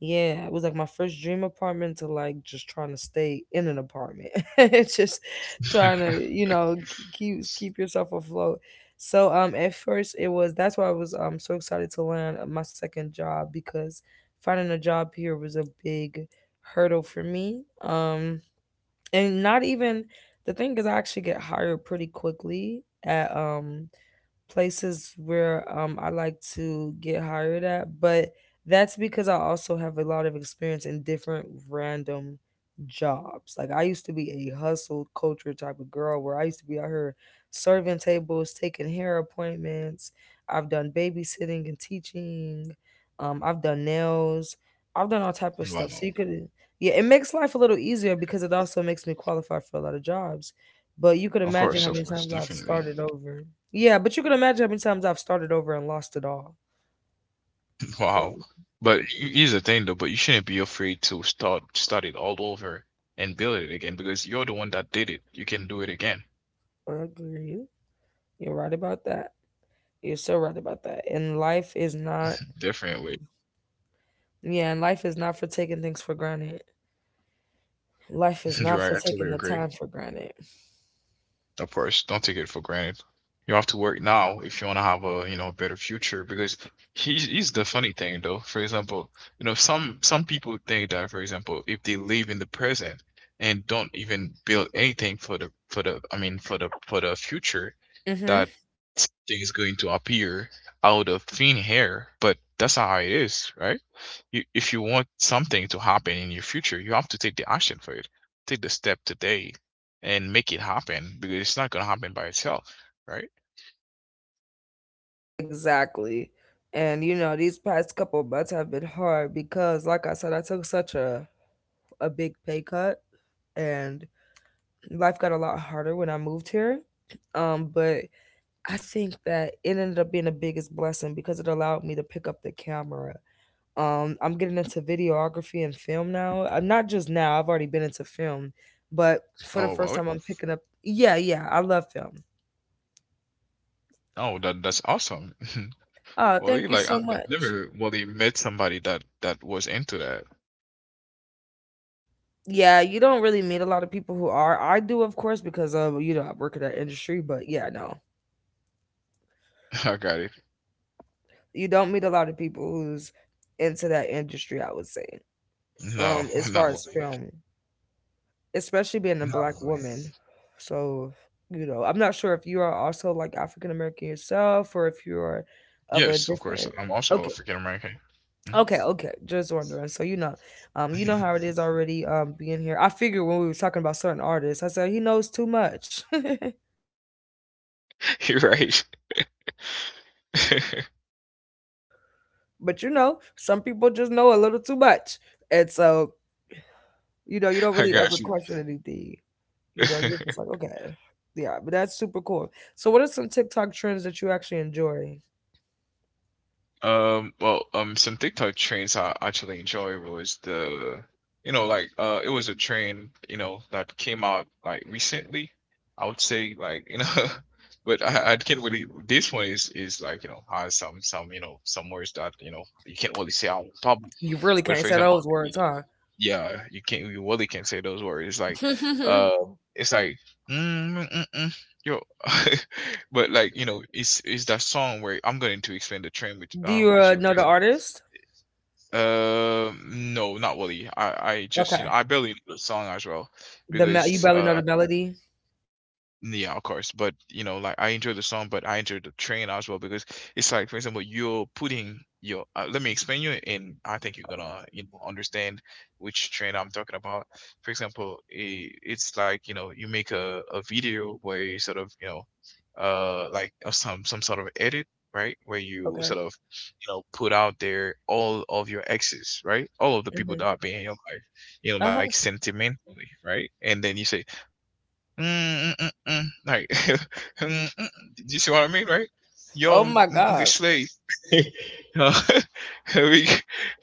Speaker 1: Yeah, it was like my first dream apartment to like just trying to stay in an apartment. <laughs> It's just trying
Speaker 2: <laughs>
Speaker 1: to keep yourself afloat. So at first, it was that's why I was so excited to land on my second job, because finding a job here was a big hurdle for me. And not even— the thing is, I actually get hired pretty quickly at places where I like to get hired at, but that's because I also have a lot of experience in different random jobs. Like, I used to be a hustle culture type of girl where I used to be out here serving tables, taking hair appointments. I've done babysitting and teaching. I've done nails. I've done all type of stuff.
Speaker 2: Wow,
Speaker 1: So you could, yeah, it makes life a little easier because it also makes me qualify for a lot of jobs. But you could imagine how
Speaker 2: of
Speaker 1: many
Speaker 2: course,
Speaker 1: times I've
Speaker 2: definitely.
Speaker 1: started over. Yeah, but you could imagine how many times I've started over and lost it all.
Speaker 2: <laughs>
Speaker 1: So
Speaker 2: Wow, but here's the thing though. But you shouldn't be afraid to start it all over and build it again because you're the one that did it. You can do it again.
Speaker 1: I agree. You're right about that. You're so right about that. And life is not—
Speaker 2: Definitely,
Speaker 1: yeah, and life is not for taking things for granted. Life is
Speaker 2: <laughs> you're
Speaker 1: not for
Speaker 2: right. I totally
Speaker 1: taking the
Speaker 2: agree.
Speaker 1: time for granted.
Speaker 2: Of course, don't take it for granted. You have to work now if you want to have a, you know, a better future because he's the funny thing though. For example, you know, some people think that, for example, if they live in the present and don't even build anything for the I mean for the future,
Speaker 1: Mm-hmm.
Speaker 2: that something is going to appear out of thin air, but that's not how it is, right? You, if you want something to happen in your future, you have to take the action for it. Take the step today and make it happen because it's not gonna happen by itself, right?
Speaker 1: Exactly. And you know, these past couple months have been hard because, like I said, I took such a big pay cut, and life got a lot harder when I moved here. But I think that it ended up being the biggest blessing because it allowed me to pick up the camera. I'm getting into videography and film now. I'm not just now, I've already been into film, but for the
Speaker 2: Oh,
Speaker 1: first
Speaker 2: well,
Speaker 1: time, I'm picking up. Yeah, yeah, I love film.
Speaker 2: oh, that's awesome. <laughs>
Speaker 1: Oh,
Speaker 2: Wally,
Speaker 1: thank you
Speaker 2: like
Speaker 1: so
Speaker 2: I've
Speaker 1: much.
Speaker 2: never Wally met somebody that was into that.
Speaker 1: Yeah, you don't really meet a lot of people who are. I do, of course, because you know, I work in that industry, but yeah, no.
Speaker 2: <laughs> I got it.
Speaker 1: You don't meet a lot of people who's into that industry, I would say.
Speaker 2: No,
Speaker 1: As
Speaker 2: <laughs>
Speaker 1: far
Speaker 2: not
Speaker 1: as
Speaker 2: Wally.
Speaker 1: film. Especially being a
Speaker 2: Not
Speaker 1: black
Speaker 2: Wally.
Speaker 1: woman. So, you know, I'm not sure if you are also like African American yourself or if you're of a
Speaker 2: Yes, of course.
Speaker 1: different—
Speaker 2: I'm also
Speaker 1: Okay.
Speaker 2: African American.
Speaker 1: Okay, okay. Just wondering. So, you know how it
Speaker 2: <laughs>
Speaker 1: is already, being here. I figured when we were talking about certain artists, I said he knows too much. <laughs>
Speaker 2: You're right.
Speaker 1: But you know, some people just know a little too much. And so, you know, you don't
Speaker 2: <laughs> I
Speaker 1: really ever
Speaker 2: got you.
Speaker 1: question anything. You know, you're
Speaker 2: <laughs>
Speaker 1: just like, okay. Yeah, but that's super cool. So, what are some TikTok trends that you actually enjoy?
Speaker 2: Well, some TikTok trends I actually enjoy was the, you know, like it was a trend, you know, that came out like recently. I would say like, you know, <laughs> but I can't really. This one is like you know has some you know some words that you know you can't really say out pub.
Speaker 1: You really
Speaker 2: But
Speaker 1: can't
Speaker 2: for
Speaker 1: say
Speaker 2: example,
Speaker 1: those words, huh?
Speaker 2: yeah, you can't. You really can't say those words. Like,
Speaker 1: <laughs> Do
Speaker 2: it's like, mm, mm, mm, mm." Yo, <laughs> but like you know, it's that song where I'm going to explain the trend
Speaker 1: you
Speaker 2: with you. For
Speaker 1: know the artist?
Speaker 2: example, no, not really. I just you know
Speaker 1: Okay.
Speaker 2: I barely know the song as well
Speaker 1: You
Speaker 2: because
Speaker 1: barely
Speaker 2: uh,
Speaker 1: know the melody.
Speaker 2: yeah, of course. But you know, like I enjoy the song, but I enjoy the train as well because it's like, for example, you're putting your. Let me explain you, and I think you're gonna you know understand which train I'm talking about. For example, it's like you know you make a video where you sort of you know, some sort of edit, right? Where you
Speaker 1: Okay.
Speaker 2: sort of you know put out there all of your exes, right? All of the people
Speaker 1: Hmm.
Speaker 2: that have been in your life, you know, like
Speaker 1: Uh-huh.
Speaker 2: sentimentally, right? And then you say Mm, mm, mm, mm. Like, <laughs> mm, mm. Do you see what I mean, right? Yo, mm,
Speaker 1: Oh
Speaker 2: mm, good
Speaker 1: my
Speaker 2: slave.
Speaker 1: God.
Speaker 2: <laughs> Uh, <laughs> we, <laughs> you know,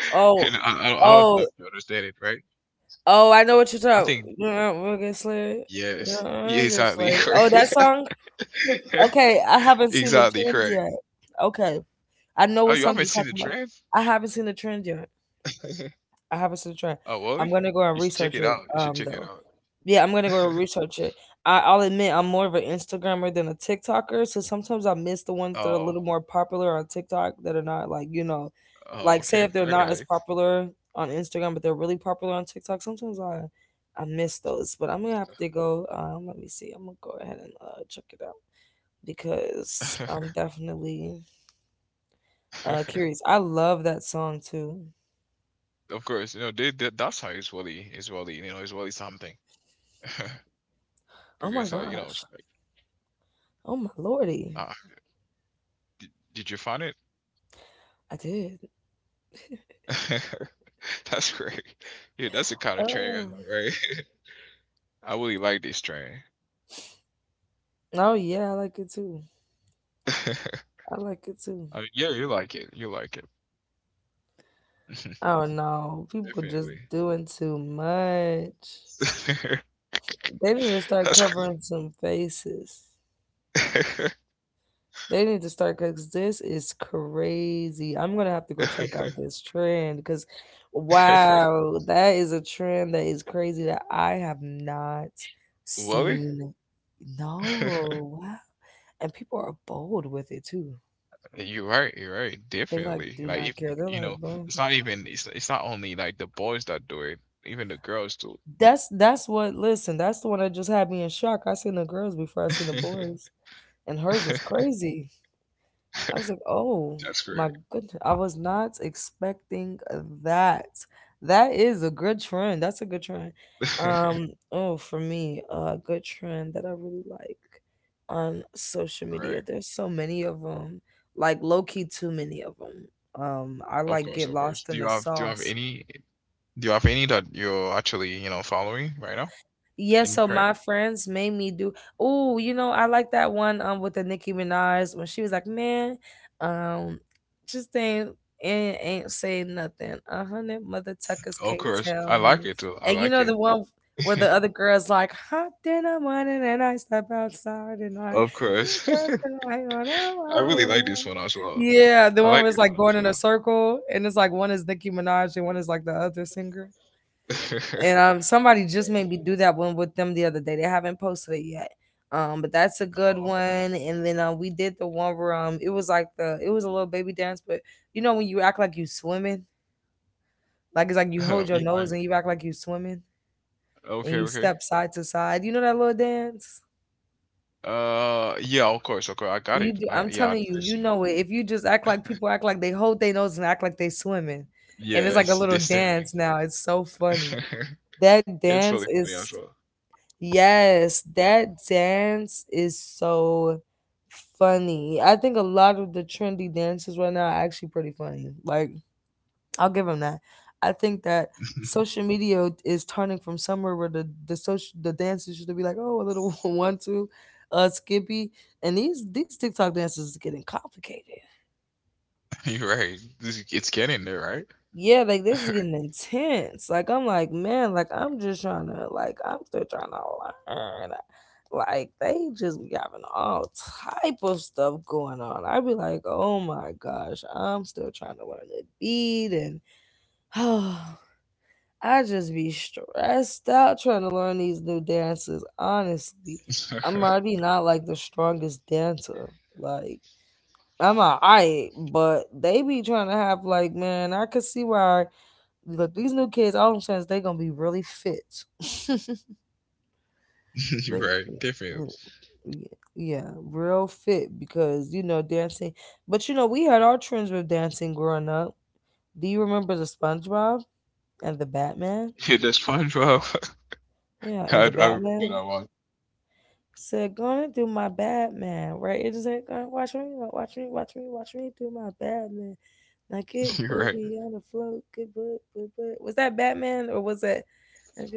Speaker 2: you
Speaker 1: Oh,
Speaker 2: I don't know if you
Speaker 1: oh,
Speaker 2: understand it, right?
Speaker 1: oh! I know what
Speaker 2: I
Speaker 1: you're
Speaker 2: think
Speaker 1: talking. Yeah, we'll get slayed.
Speaker 2: yes,
Speaker 1: Yeah,
Speaker 2: yeah,
Speaker 1: we'll get
Speaker 2: exactly, <laughs>
Speaker 1: slayed.
Speaker 2: correct,
Speaker 1: Oh, that song. Okay, I
Speaker 2: <laughs>
Speaker 1: haven't seen the
Speaker 2: exactly,
Speaker 1: trend
Speaker 2: correct.
Speaker 1: yet. Okay, I
Speaker 2: Oh, you
Speaker 1: know what
Speaker 2: haven't
Speaker 1: song
Speaker 2: seen
Speaker 1: you're
Speaker 2: the
Speaker 1: talking
Speaker 2: trend?
Speaker 1: about. I haven't seen the trend yet.
Speaker 2: <laughs>
Speaker 1: I haven't seen the
Speaker 2: Oh,
Speaker 1: trend.
Speaker 2: really?
Speaker 1: I'm
Speaker 2: You
Speaker 1: gonna go
Speaker 2: should
Speaker 1: and
Speaker 2: check it out.
Speaker 1: research
Speaker 2: You
Speaker 1: it.
Speaker 2: should check it out.
Speaker 1: Though. Yeah, I'm gonna go research it. I'll admit I'm more of an Instagrammer than a TikToker, so sometimes I miss the
Speaker 2: <laughs>
Speaker 1: ones that are a
Speaker 2: Oh,
Speaker 1: little more popular on TikTok that are not like
Speaker 2: oh,
Speaker 1: like, say,
Speaker 2: okay,
Speaker 1: if they're
Speaker 2: I
Speaker 1: not
Speaker 2: got
Speaker 1: as popular on Instagram but they're really popular on TikTok. Sometimes I miss those, but I'm gonna have to go. Let me see. I'm gonna go ahead and check it out because I'm definitely
Speaker 2: it. <laughs>
Speaker 1: curious. I love that song too.
Speaker 2: Of course, you know, they, that's how you know, Israeli something. <laughs>
Speaker 1: Oh my
Speaker 2: because like you know it's
Speaker 1: gosh.
Speaker 2: like
Speaker 1: Oh my lordy.
Speaker 2: ah, did you find it?
Speaker 1: I did.
Speaker 2: <laughs> that's great. Yeah, that's the kind of training I
Speaker 1: Oh.
Speaker 2: know, right? <laughs> I really like this training.
Speaker 1: Oh yeah, I like it too.
Speaker 2: <laughs>
Speaker 1: I like it too.
Speaker 2: I mean, yeah, you like it, you like it. <laughs>
Speaker 1: Oh no, people just
Speaker 2: definitely.
Speaker 1: doing too much.
Speaker 2: <laughs>
Speaker 1: They need to start
Speaker 2: that's great.
Speaker 1: covering some faces. They need to start because this is crazy. I'm gonna have to go
Speaker 2: <laughs>
Speaker 1: check out this trend because, wow, that is a trend that is crazy that I have not
Speaker 2: Willie?
Speaker 1: seen.
Speaker 2: <laughs>
Speaker 1: No, wow. And people are bold with it too.
Speaker 2: you're right, you're right,
Speaker 1: They like
Speaker 2: definitely,
Speaker 1: do
Speaker 2: like
Speaker 1: not
Speaker 2: if
Speaker 1: care. They're
Speaker 2: you
Speaker 1: like,
Speaker 2: know
Speaker 1: bro.
Speaker 2: it's not only like the boys that do it, even the girls do
Speaker 1: That's what. Listen, that's the one that just had me in shock. I seen the girls before I seen the
Speaker 2: it.
Speaker 1: boys, and hers was
Speaker 2: <laughs>
Speaker 1: crazy. I was like, oh
Speaker 2: that's great.
Speaker 1: my goodness, I was not expecting that. That is a good trend. That's a good trend.
Speaker 2: <laughs>
Speaker 1: Oh, for me, a good trend that I really like on social
Speaker 2: Right.
Speaker 1: media. There's so many of them. Like, low key, too many of them. I
Speaker 2: Of
Speaker 1: like
Speaker 2: course,
Speaker 1: get
Speaker 2: of course.
Speaker 1: lost
Speaker 2: Do
Speaker 1: in
Speaker 2: you
Speaker 1: the
Speaker 2: have
Speaker 1: sauce.
Speaker 2: do you have any that you're actually, you know, following right now?
Speaker 1: Yeah,
Speaker 2: Any
Speaker 1: so
Speaker 2: trend?
Speaker 1: my friends made me do. Oh, you know, I like that one with the Nicki Minaj when she was like, "Man, um, just ain't saying nothing. 100 mother tuckers
Speaker 2: Of
Speaker 1: can't
Speaker 2: course. I
Speaker 1: tell
Speaker 2: like
Speaker 1: me."
Speaker 2: it too. I
Speaker 1: And you
Speaker 2: like
Speaker 1: know
Speaker 2: it.
Speaker 1: the one where
Speaker 2: <laughs>
Speaker 1: the other girl's like, "Hot in the morning and I step outside and I
Speaker 2: Of
Speaker 1: keep
Speaker 2: course.
Speaker 1: working on
Speaker 2: <laughs> I really
Speaker 1: a
Speaker 2: like this
Speaker 1: while."
Speaker 2: one as well.
Speaker 1: Yeah, the
Speaker 2: I
Speaker 1: one
Speaker 2: like
Speaker 1: where it's
Speaker 2: this
Speaker 1: like going
Speaker 2: one
Speaker 1: in a circle and it's like one is Nicki Minaj and one is like the other singer,
Speaker 2: as well. <laughs>
Speaker 1: and somebody just made me do that one with them the other day. They haven't posted it yet. But that's a good
Speaker 2: Oh.
Speaker 1: one. And then we did the one where it was like the it was a little baby dance, but you know, when you act like you swimming, like it's like you hold
Speaker 2: <laughs>
Speaker 1: your
Speaker 2: yeah, I,
Speaker 1: nose and you act like you swimming and
Speaker 2: okay,
Speaker 1: you
Speaker 2: okay.
Speaker 1: step side to side. You know that little dance?
Speaker 2: Yeah, of course, okay, I got
Speaker 1: You
Speaker 2: it.
Speaker 1: do, I'm telling you,
Speaker 2: This
Speaker 1: you
Speaker 2: one.
Speaker 1: know it. If you just act like— people act like they hold their nose and act like they swimming, and it's like a
Speaker 2: Yes,
Speaker 1: little
Speaker 2: this thing,
Speaker 1: dance now.
Speaker 2: right?
Speaker 1: It's so funny.
Speaker 2: <laughs>
Speaker 1: That
Speaker 2: It's
Speaker 1: dance
Speaker 2: really funny as
Speaker 1: is—
Speaker 2: well.
Speaker 1: Yes, that dance is so funny. I think a lot of the trendy dances right now are actually pretty funny. Like, I'll give them that. I think that social media is turning from somewhere where the dances used to be like, oh, a little <laughs> one two, Skippy, and these TikTok dances is getting complicated.
Speaker 2: <laughs> You're right. It's getting there,
Speaker 1: Yeah, like this is getting intense. Like, I'm like, man, like, I'm just trying to— like, I'm still trying to learn. Like, they just be having all type of stuff going on. I'd be like, oh my gosh, I'm still trying to learn the beat and <sighs> I just be stressed out trying to learn these new dances. Honestly,
Speaker 2: right?
Speaker 1: I'm
Speaker 2: <laughs>
Speaker 1: already not like the strongest dancer. Like, I'm alright, but they be trying to have like, man, I could see why— Look, these new kids, all I'm saying is they gonna be really fit. <laughs>
Speaker 2: <laughs> You're
Speaker 1: They-
Speaker 2: right. Different.
Speaker 1: mm, y- yeah, real fit because you know, dancing. But you know, we had our trends with dancing growing up. Do you remember the SpongeBob and the Batman?
Speaker 2: Yeah, the SpongeBob.
Speaker 1: Yeah,
Speaker 2: <laughs>
Speaker 1: and the
Speaker 2: You
Speaker 1: Batman
Speaker 2: know, what?
Speaker 1: said, "Gonna do my Batman, right?" It just like, "Gonna watch me, watch me, watch me, watch me do my Batman." Now
Speaker 2: <laughs>
Speaker 1: get
Speaker 2: you're right.
Speaker 1: booty on the float, get butt, butt, butt. Was that Batman or was that?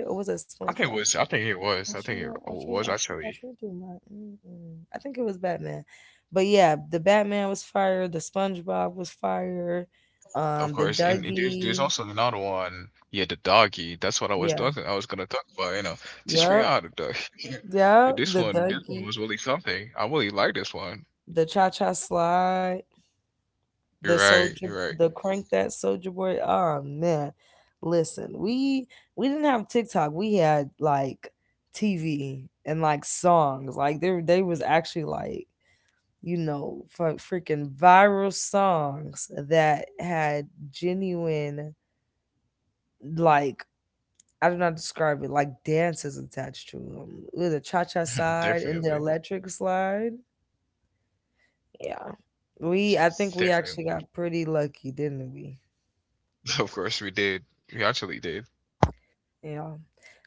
Speaker 1: Or was that
Speaker 2: I think
Speaker 1: SpongeBob?
Speaker 2: it was. I think it was. I
Speaker 1: Watch me,
Speaker 2: think it
Speaker 1: watch me,
Speaker 2: was
Speaker 1: watch me, watch
Speaker 2: actually.
Speaker 1: me do my. Mm-mm. I think it was Batman, but yeah, the Batman was fire. The SpongeBob was fire.
Speaker 2: Of
Speaker 1: The
Speaker 2: course, and, there's
Speaker 1: Dougie.
Speaker 2: also another one. Yeah, the doggy. That's what I was
Speaker 1: Yeah.
Speaker 2: talking. I was gonna talk about. You know, teach me
Speaker 1: Yep.
Speaker 2: how to dog. <laughs>
Speaker 1: Yep. The
Speaker 2: This one
Speaker 1: Dougie.
Speaker 2: was really something. I really like this one.
Speaker 1: The Cha Cha Slide. The
Speaker 2: You're right.
Speaker 1: Soldier.
Speaker 2: You're right.
Speaker 1: The Crank That Soldier Boy. Oh man, listen, we didn't have TikTok. We had like TV and like songs. Like, there, they was actually like, you know, for freaking viral songs that had genuine, like, I do not describe it, like, dances attached to them. With the cha cha
Speaker 2: <laughs>
Speaker 1: side and the
Speaker 2: Definitely.
Speaker 1: electric slide. Yeah. We, I think we actually
Speaker 2: Definitely. <laughs>
Speaker 1: got pretty lucky, didn't we?
Speaker 2: Of course, we did. We actually did.
Speaker 1: Yeah.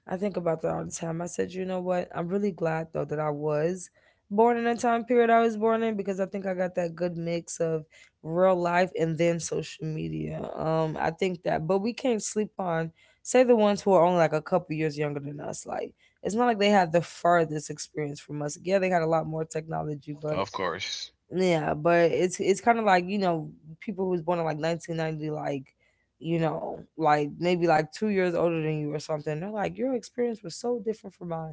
Speaker 1: I think about that all the time. I said, you know what? I'm really glad though that I was born in a time period I was born in because I think I got that good mix of real life and then social media. I think that, but we can't sleep on, say, the ones who are only like a couple years younger than us. Like, it's not like they had the farthest experience from us. Yeah, they had a lot more technology, but
Speaker 2: Of course.
Speaker 1: yeah, but it's kind of like, you know, people who was born in like 1990, like, like maybe like 2 years older than you or something. They're like, your experience was so different from mine.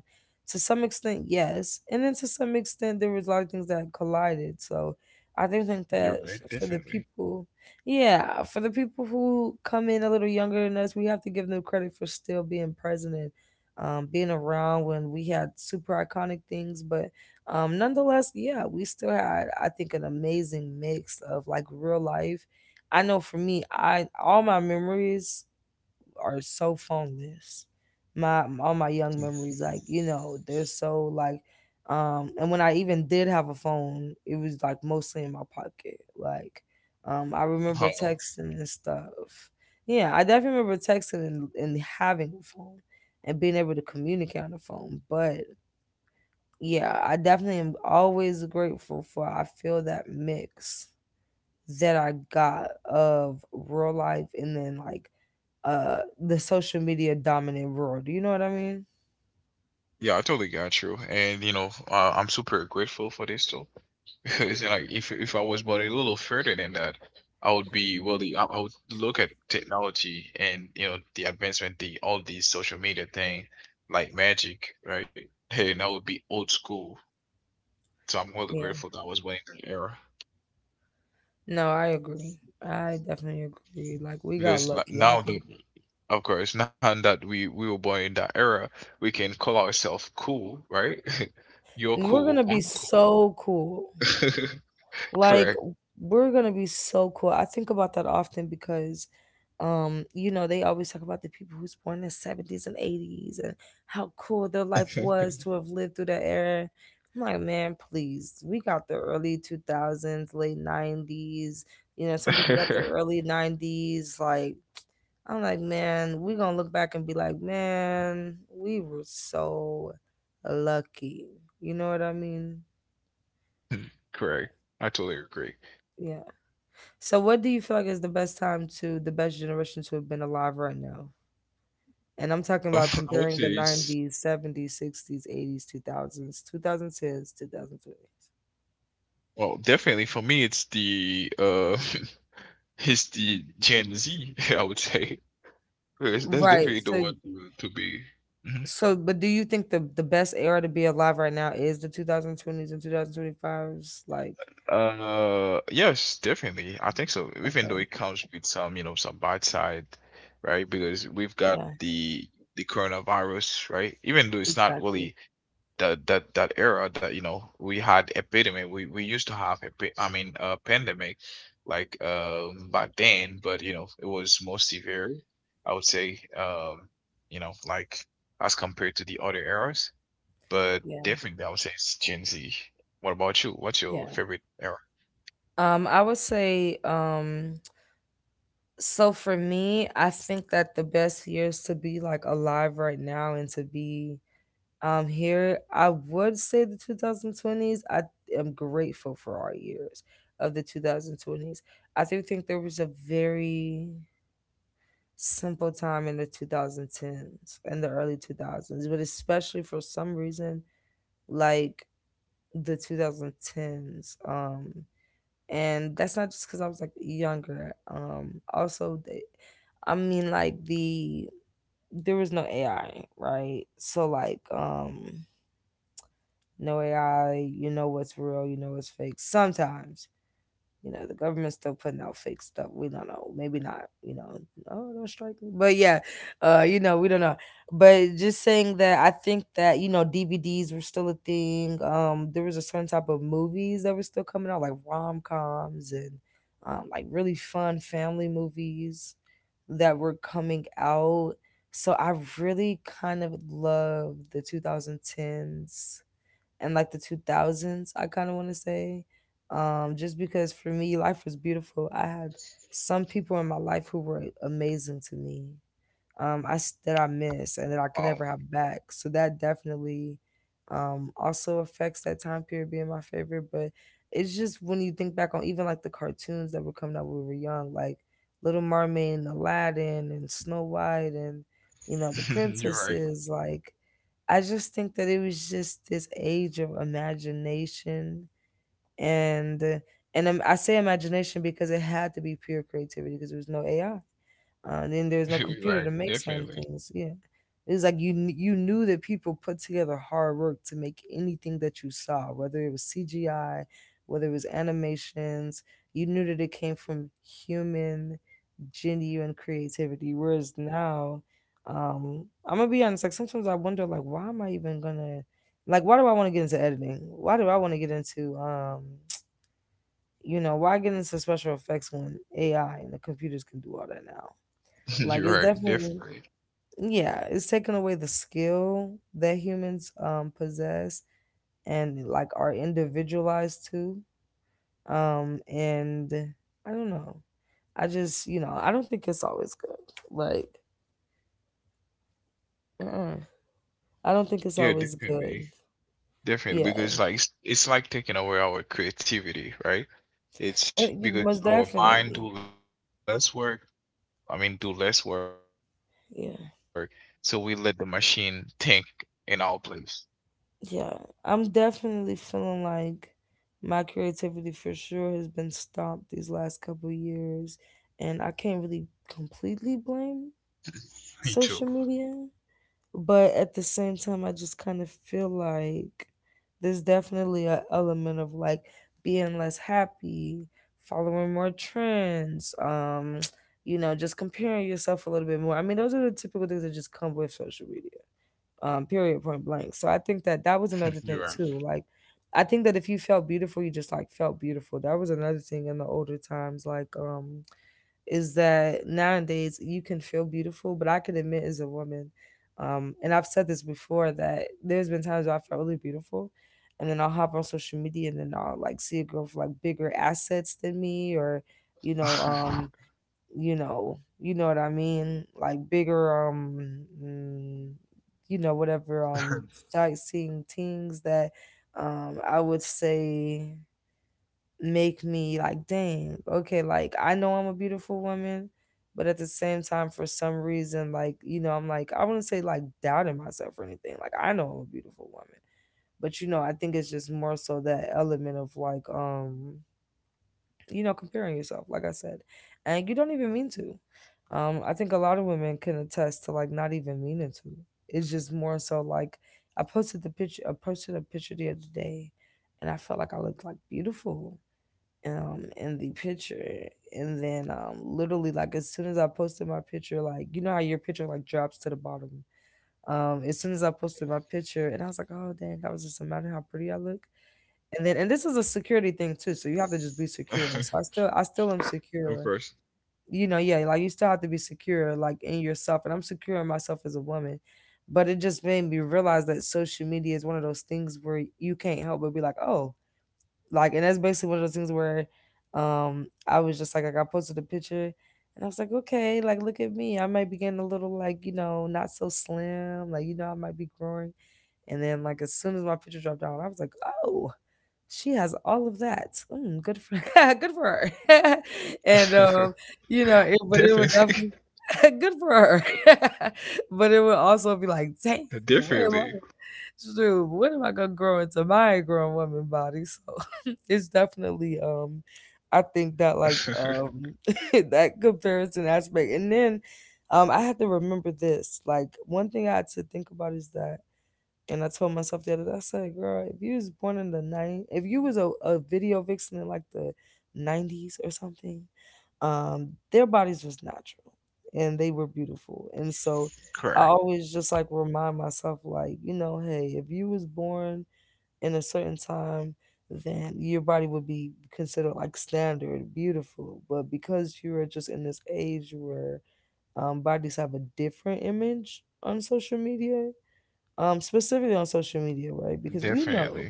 Speaker 1: To some extent, yes, and then to some extent there was a lot of things that collided. So I do think
Speaker 2: You're
Speaker 1: that
Speaker 2: right.
Speaker 1: <laughs> for the
Speaker 2: Definitely.
Speaker 1: people, yeah, for the people who come in a little younger than us, we have to give them credit for still being present and being around when we had super iconic things, but nonetheless, yeah, we still had, I think, an amazing mix of like real life. I know, for me, I all my memories are so phoneless. My All my young memories, like, you know, they're so like and when I even did have a phone, it was like mostly in my pocket, like I
Speaker 2: <laughs>
Speaker 1: remember
Speaker 2: Oh.
Speaker 1: texting and stuff. Yeah, I definitely remember texting and having a phone and being able to communicate on the phone, but yeah, I definitely am always grateful for, I feel, that mix that I got of real life and then like the social media dominant world. You know what I mean?
Speaker 2: Yeah, I totally got you, and you know, I'm super grateful for this too. <laughs> Because like, if I was but a little further than that, I would be really I would look at technology and you know the advancement, the all these social media thing, like magic, right? Hey, and I would be old school. So I'm really
Speaker 1: Yeah.
Speaker 2: grateful that I was born in that era
Speaker 1: No, I agree. I definitely agree. Like, we got
Speaker 2: because like,
Speaker 1: lucky. I
Speaker 2: now that
Speaker 1: just,
Speaker 2: of course <laughs> now that we were born in that era, we can call ourselves cool, right? <laughs> You're
Speaker 1: we're gonna
Speaker 2: cool,
Speaker 1: be
Speaker 2: I'm cool.
Speaker 1: so cool.
Speaker 2: <laughs>
Speaker 1: Like,
Speaker 2: Correct.
Speaker 1: we're gonna be so cool. I think about that often because, you know, they always talk about the people who's born in 70s and eighties and how cool their life was to have lived through that era. I'm like, man, please. We got the early two thousands, late 90s, you know, some people got the
Speaker 2: <laughs>
Speaker 1: early 90s, like, I'm like, man, we're gonna look back and be like, man, we were so lucky. You know what I mean?
Speaker 2: Correct. I totally agree. <laughs>
Speaker 1: Yeah. So, what do you feel like is the best generation to have been alive right now? And I'm talking about
Speaker 2: Um, I
Speaker 1: comparing the
Speaker 2: would say it's
Speaker 1: 90s, 70s, 60s, 80s, 2000s, 2010s, 2020s.
Speaker 2: well, definitely for me, it's the <laughs> it's the Gen Z. <laughs> I would say that's
Speaker 1: Right.
Speaker 2: definitely the
Speaker 1: So,
Speaker 2: one to be. Mhm.
Speaker 1: but do you think the best era to be alive right now is the 2020s and 2025s? Like,
Speaker 2: Yes, definitely. I think so. Even though
Speaker 1: okay,
Speaker 2: it comes with some bad side, right? Because we've got
Speaker 1: yeah,
Speaker 2: the coronavirus, right? Even though it's not
Speaker 1: exactly.
Speaker 2: really that era that we had epidemic. We used to have I mean, pandemic, like, back then, but it was more severe, I would say, like, as compared to the other eras. But
Speaker 1: Yeah,
Speaker 2: definitely, I would say it's Gen Z. What about you? What's your
Speaker 1: yeah.
Speaker 2: favorite era?
Speaker 1: I would say, so for me, I think that the best years to be like alive right now and to be here, I would say the 2020s. I am grateful for our years of the 2020s. I do think there was a very simple time in the 2010s and the early 2000s, but especially for some reason, like, the 2010s. And that's not just because I was like younger. Also, I mean, like, there was no AI, right? So like, No AI. You know what's real, you know what's fake. Sometimes, you know, the government's still putting out fake stuff. We don't know. Maybe not, you know. Oh, don't strike me. But yeah, you know, we don't know. But just saying that I think that, you know, DVDs were still a thing. There was a certain type of movies that were still coming out, like rom coms and like really fun family movies that were coming out. So I really kind of love the 2010s and like the 2000s, I kind of want to say. Just because for me, life was beautiful. I had some people in my life who were amazing to me, that I miss and that I could
Speaker 2: Oh.
Speaker 1: never have back. So that definitely also affects that time period being my favorite. But it's just when you think back on even like the cartoons that were coming out when we were young, like Little Mermaid and Aladdin and Snow White and you know, the
Speaker 2: <laughs> You're right.
Speaker 1: princesses. Like, I just think that it was just this age of imagination and I say imagination because it had to be pure creativity because there was no AI. Then there's
Speaker 2: <laughs>
Speaker 1: no
Speaker 2: You're
Speaker 1: computer
Speaker 2: right,
Speaker 1: to make certain
Speaker 2: definitely.
Speaker 1: things. Yeah, it's like you knew that people put together hard work to make anything that you saw, whether it was CGI, whether it was animations. You knew that it came from human genuine creativity. Whereas now, I'm gonna be honest. Like, sometimes I wonder, like, why am I even gonna, like, why do I want to get into editing? Why do I want to get into, <tsk> you know, why get into special effects when AI and the computers can do all that now?
Speaker 2: <laughs>
Speaker 1: Like,
Speaker 2: You're
Speaker 1: it's
Speaker 2: right,
Speaker 1: definitely,
Speaker 2: definitely.
Speaker 1: yeah, it's taking away the skill that humans possess and like are individualized to. And I don't know. I just, you know, I don't think it's always good. Like, uh, I don't think it's
Speaker 2: Yeah,
Speaker 1: always
Speaker 2: definitely.
Speaker 1: good.
Speaker 2: Definitely,
Speaker 1: Yeah.
Speaker 2: because like it's like taking away our creativity, right? It's because
Speaker 1: Most
Speaker 2: our mind do
Speaker 1: definitely.
Speaker 2: less work. I mean, do less work. So we let the machine
Speaker 1: Yeah.
Speaker 2: think in our place.
Speaker 1: Yeah. I'm definitely feeling like my creativity for sure has been stopped these last couple years, and I can't really
Speaker 2: Me too.
Speaker 1: completely blame social media, but at the same time, I just kind of feel like there's definitely an element of like being less happy, following more trends, <tsk> you know, just comparing yourself a little bit more. I mean, those are the typical things that just come with social media, period, point blank. So I
Speaker 2: <laughs>
Speaker 1: think
Speaker 2: You
Speaker 1: that
Speaker 2: are.
Speaker 1: that was another thing too. Like, I think that if you felt beautiful, you just like felt beautiful. That was another thing in the older times, like, is that nowadays you can feel beautiful, but I can admit as a woman, and I've said this before that there's been times where I felt really beautiful, and then I'll hop on social media and then I'll like see a girl with like bigger assets than me, or you know, you know, you know what I mean, like bigger, mm, you know, whatever, sightseeing things that, I would say make me like, dang, okay, like, I know I'm a beautiful woman, but at the same time, for some reason, like, you know, I'm like, I wouldn't say like doubting myself or anything. Like, I know I'm a beautiful woman. But you know, I think it's just more so that element of like, you know, comparing yourself, like I said. And you don't even mean to. I think a lot of women can attest to like not even meaning to. It's just more so like I posted a picture the other day and I felt like I looked like beautiful in the picture, and then literally, like, as soon as I posted my picture, like, you know how your picture like drops to the bottom. As soon as I posted my picture, and I was like, oh dang, that was just a matter how pretty I look. And then, and this is a security thing too, so you have to just be secure. So
Speaker 2: <laughs>
Speaker 1: I still am
Speaker 2: Of
Speaker 1: secure.
Speaker 2: course.
Speaker 1: You know? Yeah, like, you still have to be secure like in yourself, and I'm secure in myself as a woman. But it just made me realize that social media is one of those things where you can't help but be like, oh, like, and that's basically one of those things where I was just like, I posted a picture and I was like, okay, like, look at me. I might be getting a little like, you know, not so slim. Like, you know, I might be growing. And then, like, as soon as my picture dropped out, I was like, oh, she has all of that. Mm, good for <laughs> good for
Speaker 2: <laughs>
Speaker 1: her. <laughs> and
Speaker 2: Definitely.
Speaker 1: you know, it, but it would definitely <laughs> good for her. <laughs> But it would
Speaker 2: <laughs>
Speaker 1: also be like,
Speaker 2: Definitely.
Speaker 1: dang, where am I? Dude, when am I gonna grow into my grown woman body? So <laughs> it's definitely I
Speaker 2: <laughs>
Speaker 1: think that like <laughs> that comparison aspect. And then I had to remember this. Like, one thing I had to think about is that, and I told myself the other day, I said, girl, if you was born in the 90s, if you was a video vixen in like the 90s or something, their bodies was natural and they were beautiful. And so
Speaker 2: Correct.
Speaker 1: I always just like remind myself, like, you know, hey, if you was born in a certain time, then your body would be considered like standard beautiful. But because you are just in this age where bodies have a different image on social media, specifically on
Speaker 2: Definitely.
Speaker 1: social media, right?
Speaker 2: Different.
Speaker 1: Because we know,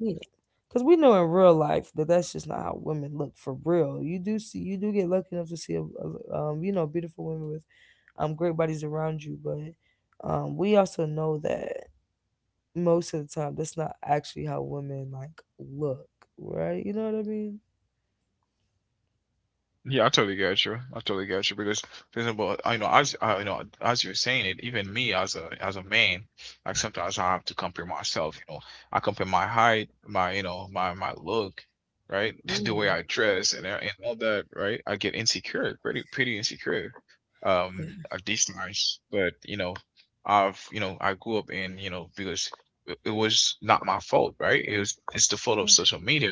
Speaker 1: in real life that that's just not how women look for real. You do get lucky enough to see a, you know, beautiful women with great bodies around you, but we also know that most of the time that's not actually how women like look, right? You know what I mean?
Speaker 2: Yeah, I totally get you. I totally get you because, for example, I you know as I, you know as you're saying it, even me as a man, like sometimes I have to compare myself. You know, I compare my height, my you know my my look, right, <laughs> the way I
Speaker 1: Mm,
Speaker 2: dress and and all that, right. I get insecure, pretty insecure, um,
Speaker 1: yeah,
Speaker 2: at these times. But I grew up in you know because it was not my fault, right? It's the fault of
Speaker 1: yeah,
Speaker 2: social media,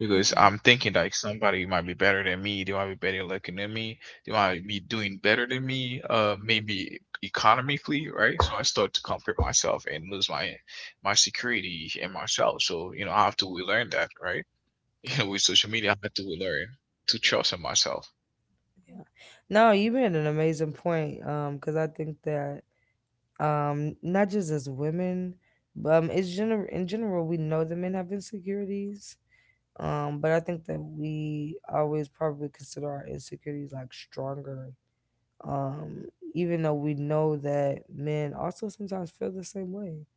Speaker 2: because
Speaker 1: yeah.
Speaker 2: I'm thinking like somebody might be better than me, they might be better looking than me, they might be doing better than me, maybe economically, right? So I start to compare myself and lose my security in myself. So, I have to relearn that, right? <laughs> With social media, I have to learn to trust in myself.
Speaker 1: Yeah. No, you made an amazing point. Because I think that, not just as women but in general, we know that men have insecurities. But I think that we always probably consider our insecurities like stronger. um Even though we know that men also sometimes feel the same way,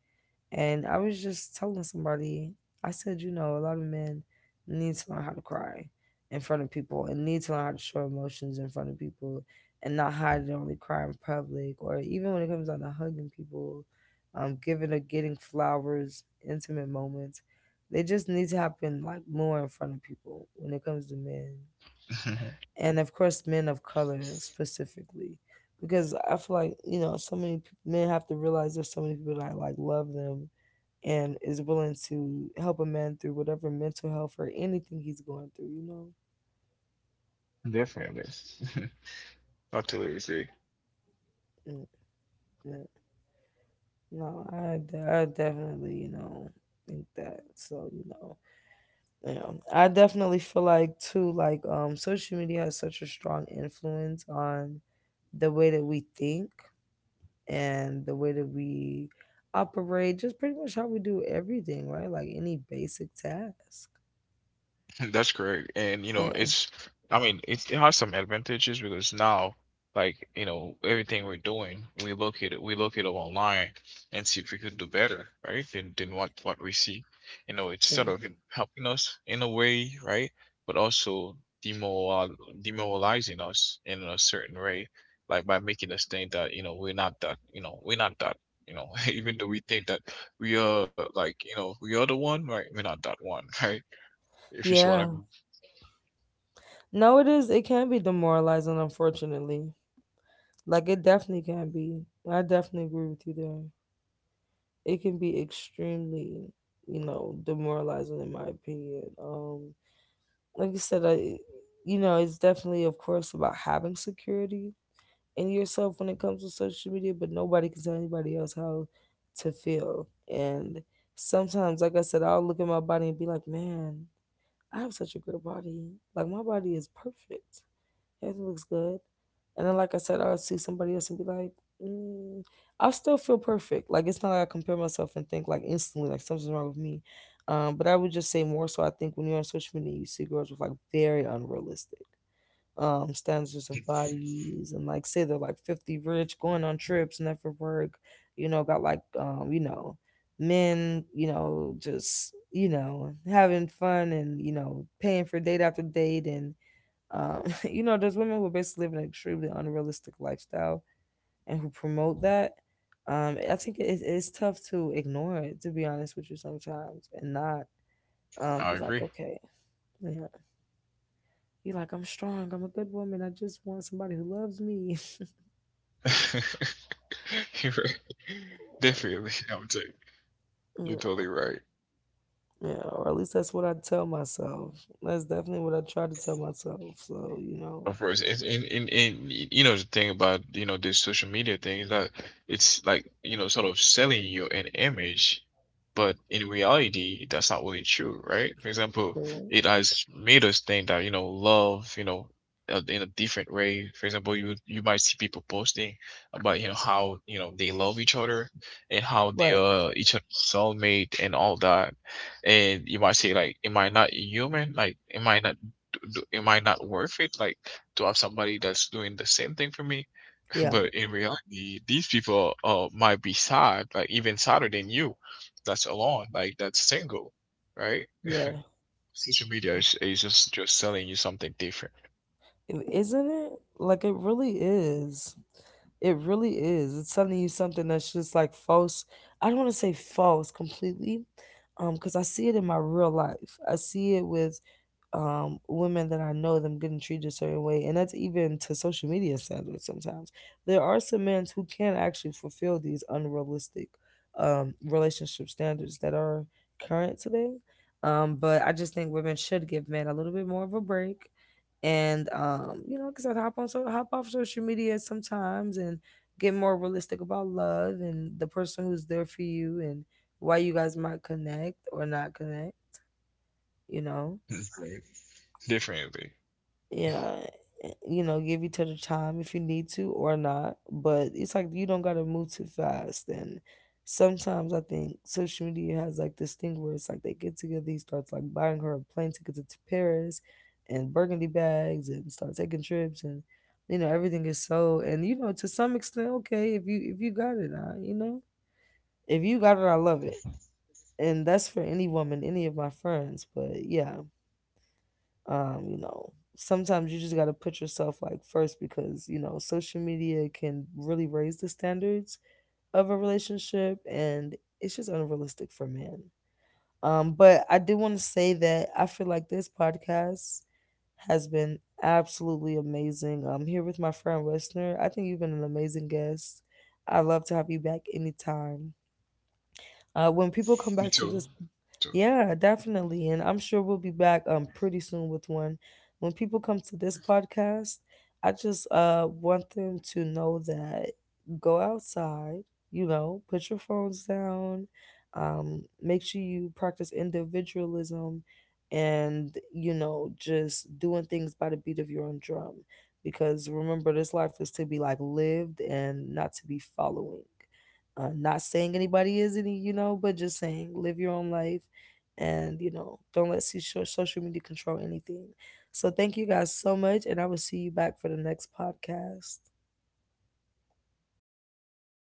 Speaker 1: and I was just telling somebody, I said, you know, a lot of men need to learn how to cry in front of people and need to learn how to show emotions in front of people, and not hide it, only cry in public, or even when it comes down to hugging people, giving or getting flowers, intimate moments. They just need to happen, like, more in front of people when it comes to men.
Speaker 2: <laughs>
Speaker 1: And of course men of color specifically, because I feel like, you know, so many men have to realize there's so many people that, like, love them and is willing to help a man through whatever mental health or anything he's going through, you know.
Speaker 2: Definitely. <laughs> I totally agree.
Speaker 1: Mm, yeah. no I, de- I definitely, you know, think that. Yeah, I definitely feel like too, like, social media has such a strong influence on the way that we think and the way that we operate, just pretty much how we do everything, right? Like any basic task.
Speaker 2: <laughs> That's correct. And you know,
Speaker 1: Yeah,
Speaker 2: it's I mean, it has some advantages, because now, like, everything we're doing, we look it up online and see if we could do better, right? Than what we see. It's
Speaker 1: yeah,
Speaker 2: sort of helping us in a way, right? But also demoral demoralizing us in a certain way, like by making us think that, we're not that, we're not that, you know, <laughs> even though we think that we are, like, we are the one, right? We're not that one, <laughs> right? If you see what I
Speaker 1: yeah.
Speaker 2: mean.
Speaker 1: No, it is. It can be demoralizing, unfortunately. Like it definitely can be. I definitely agree with you there. It can be extremely, you know, demoralizing in my opinion. Like you said, I, you know, it's definitely, of course, about having security in yourself when it comes to social media, but nobody can tell anybody else how to feel. And sometimes, like I said, I'll look at my body and be like, man, I have such a good body. Like, my body is perfect. Everything looks good. And then, like I said, I'll see somebody else and be like, mm, I still feel perfect. Like, it's not like I compare myself and think, like, instantly, like, something's wrong with me. But I would just say more so, I think when you're on social media, you see girls with, like, very unrealistic standards of bodies, and like say they're like 50, rich, going on trips, never work, you know, got like, you know, men, you know, just, you know, having fun and, you know, paying for date after date, and um <laughs> you know, there's women who basically live an extremely unrealistic lifestyle and who promote that. I think it's tough to ignore it, to be honest with you, sometimes, and not
Speaker 2: I
Speaker 1: be like,
Speaker 2: agree.
Speaker 1: okay, yeah, be like, I'm strong, I'm a good woman, I just want somebody who loves me.
Speaker 2: <laughs> You're right. Definitely, I would say. You're
Speaker 1: Mm.
Speaker 2: totally right.
Speaker 1: Yeah, or at least that's what I tell myself. That's definitely what I try to tell myself. So, you know,
Speaker 2: Of course, it's in y- the thing about this social media thing is that it's like sort of selling you an image, but in reality that's not really true, right? For example,
Speaker 1: for-
Speaker 2: it has made us think that love, in a different way. For example, you might see people posting about how they love each other and how they
Speaker 1: right.
Speaker 2: are each other's soulmate and all that, and you might say like, am I not human? Like, am I not worth it? Like, to have somebody that's doing the same thing for me? <laughs>
Speaker 1: Yeah.
Speaker 2: But in reality, these people might be sad, like even sadder than you. That's alone, like that's single, right?
Speaker 1: Yeah.
Speaker 2: Social media is just selling you something different.
Speaker 1: Isn't it? Like it really is. It really is. It's telling you something that's just, like, false. I don't want to say false completely, because I see it in my real life. I see it with women that I know, them getting treated a certain way, and that's even to social media standards sometimes. There are some men who can actually fulfill these unrealistic relationship standards that are current today. But I just think women should give men a little bit more of a break, and you know, because I'd hop on, so hop off social media sometimes, and get more realistic about love and the person who's there for you and why you guys might connect or not connect, you know.
Speaker 2: <laughs> Differently.
Speaker 1: Yeah. You know, give each other time if you need to or not, but it's like you don't gotta move too fast. And sometimes I think social media has like this thing where it's like they get together, he starts like buying her a plane ticket to Paris and burgundy bags and start taking trips, and you know, everything is so, and you know, to some extent, okay, if you, if you got it, I, you know, if you got it, I love it. And that's for any woman, any of my friends. But yeah, you know, sometimes you just got to put yourself, like, first, because you know social media can really raise the standards of a relationship, and it's just unrealistic for men. But I do want to say that I feel like this podcast has been absolutely amazing. I'm here with my friend Westner. I think you've been an amazing guest. I'd love to have you back anytime. When people come
Speaker 2: Me
Speaker 1: back to
Speaker 2: too.
Speaker 1: this,
Speaker 2: Too.
Speaker 1: yeah, definitely. And I'm sure we'll be back pretty soon with one. When people come to this podcast, I just want them to know that, go outside, you know, put your phones down, make sure you practice individualism, and you know, just doing things by the beat of your own drum. Because remember, this life is to be like lived and not to be following. Not saying anybody is any, you know, but just saying live your own life and, you know, don't let social media control anything. So thank you guys so much, and I will see you back for the next podcast.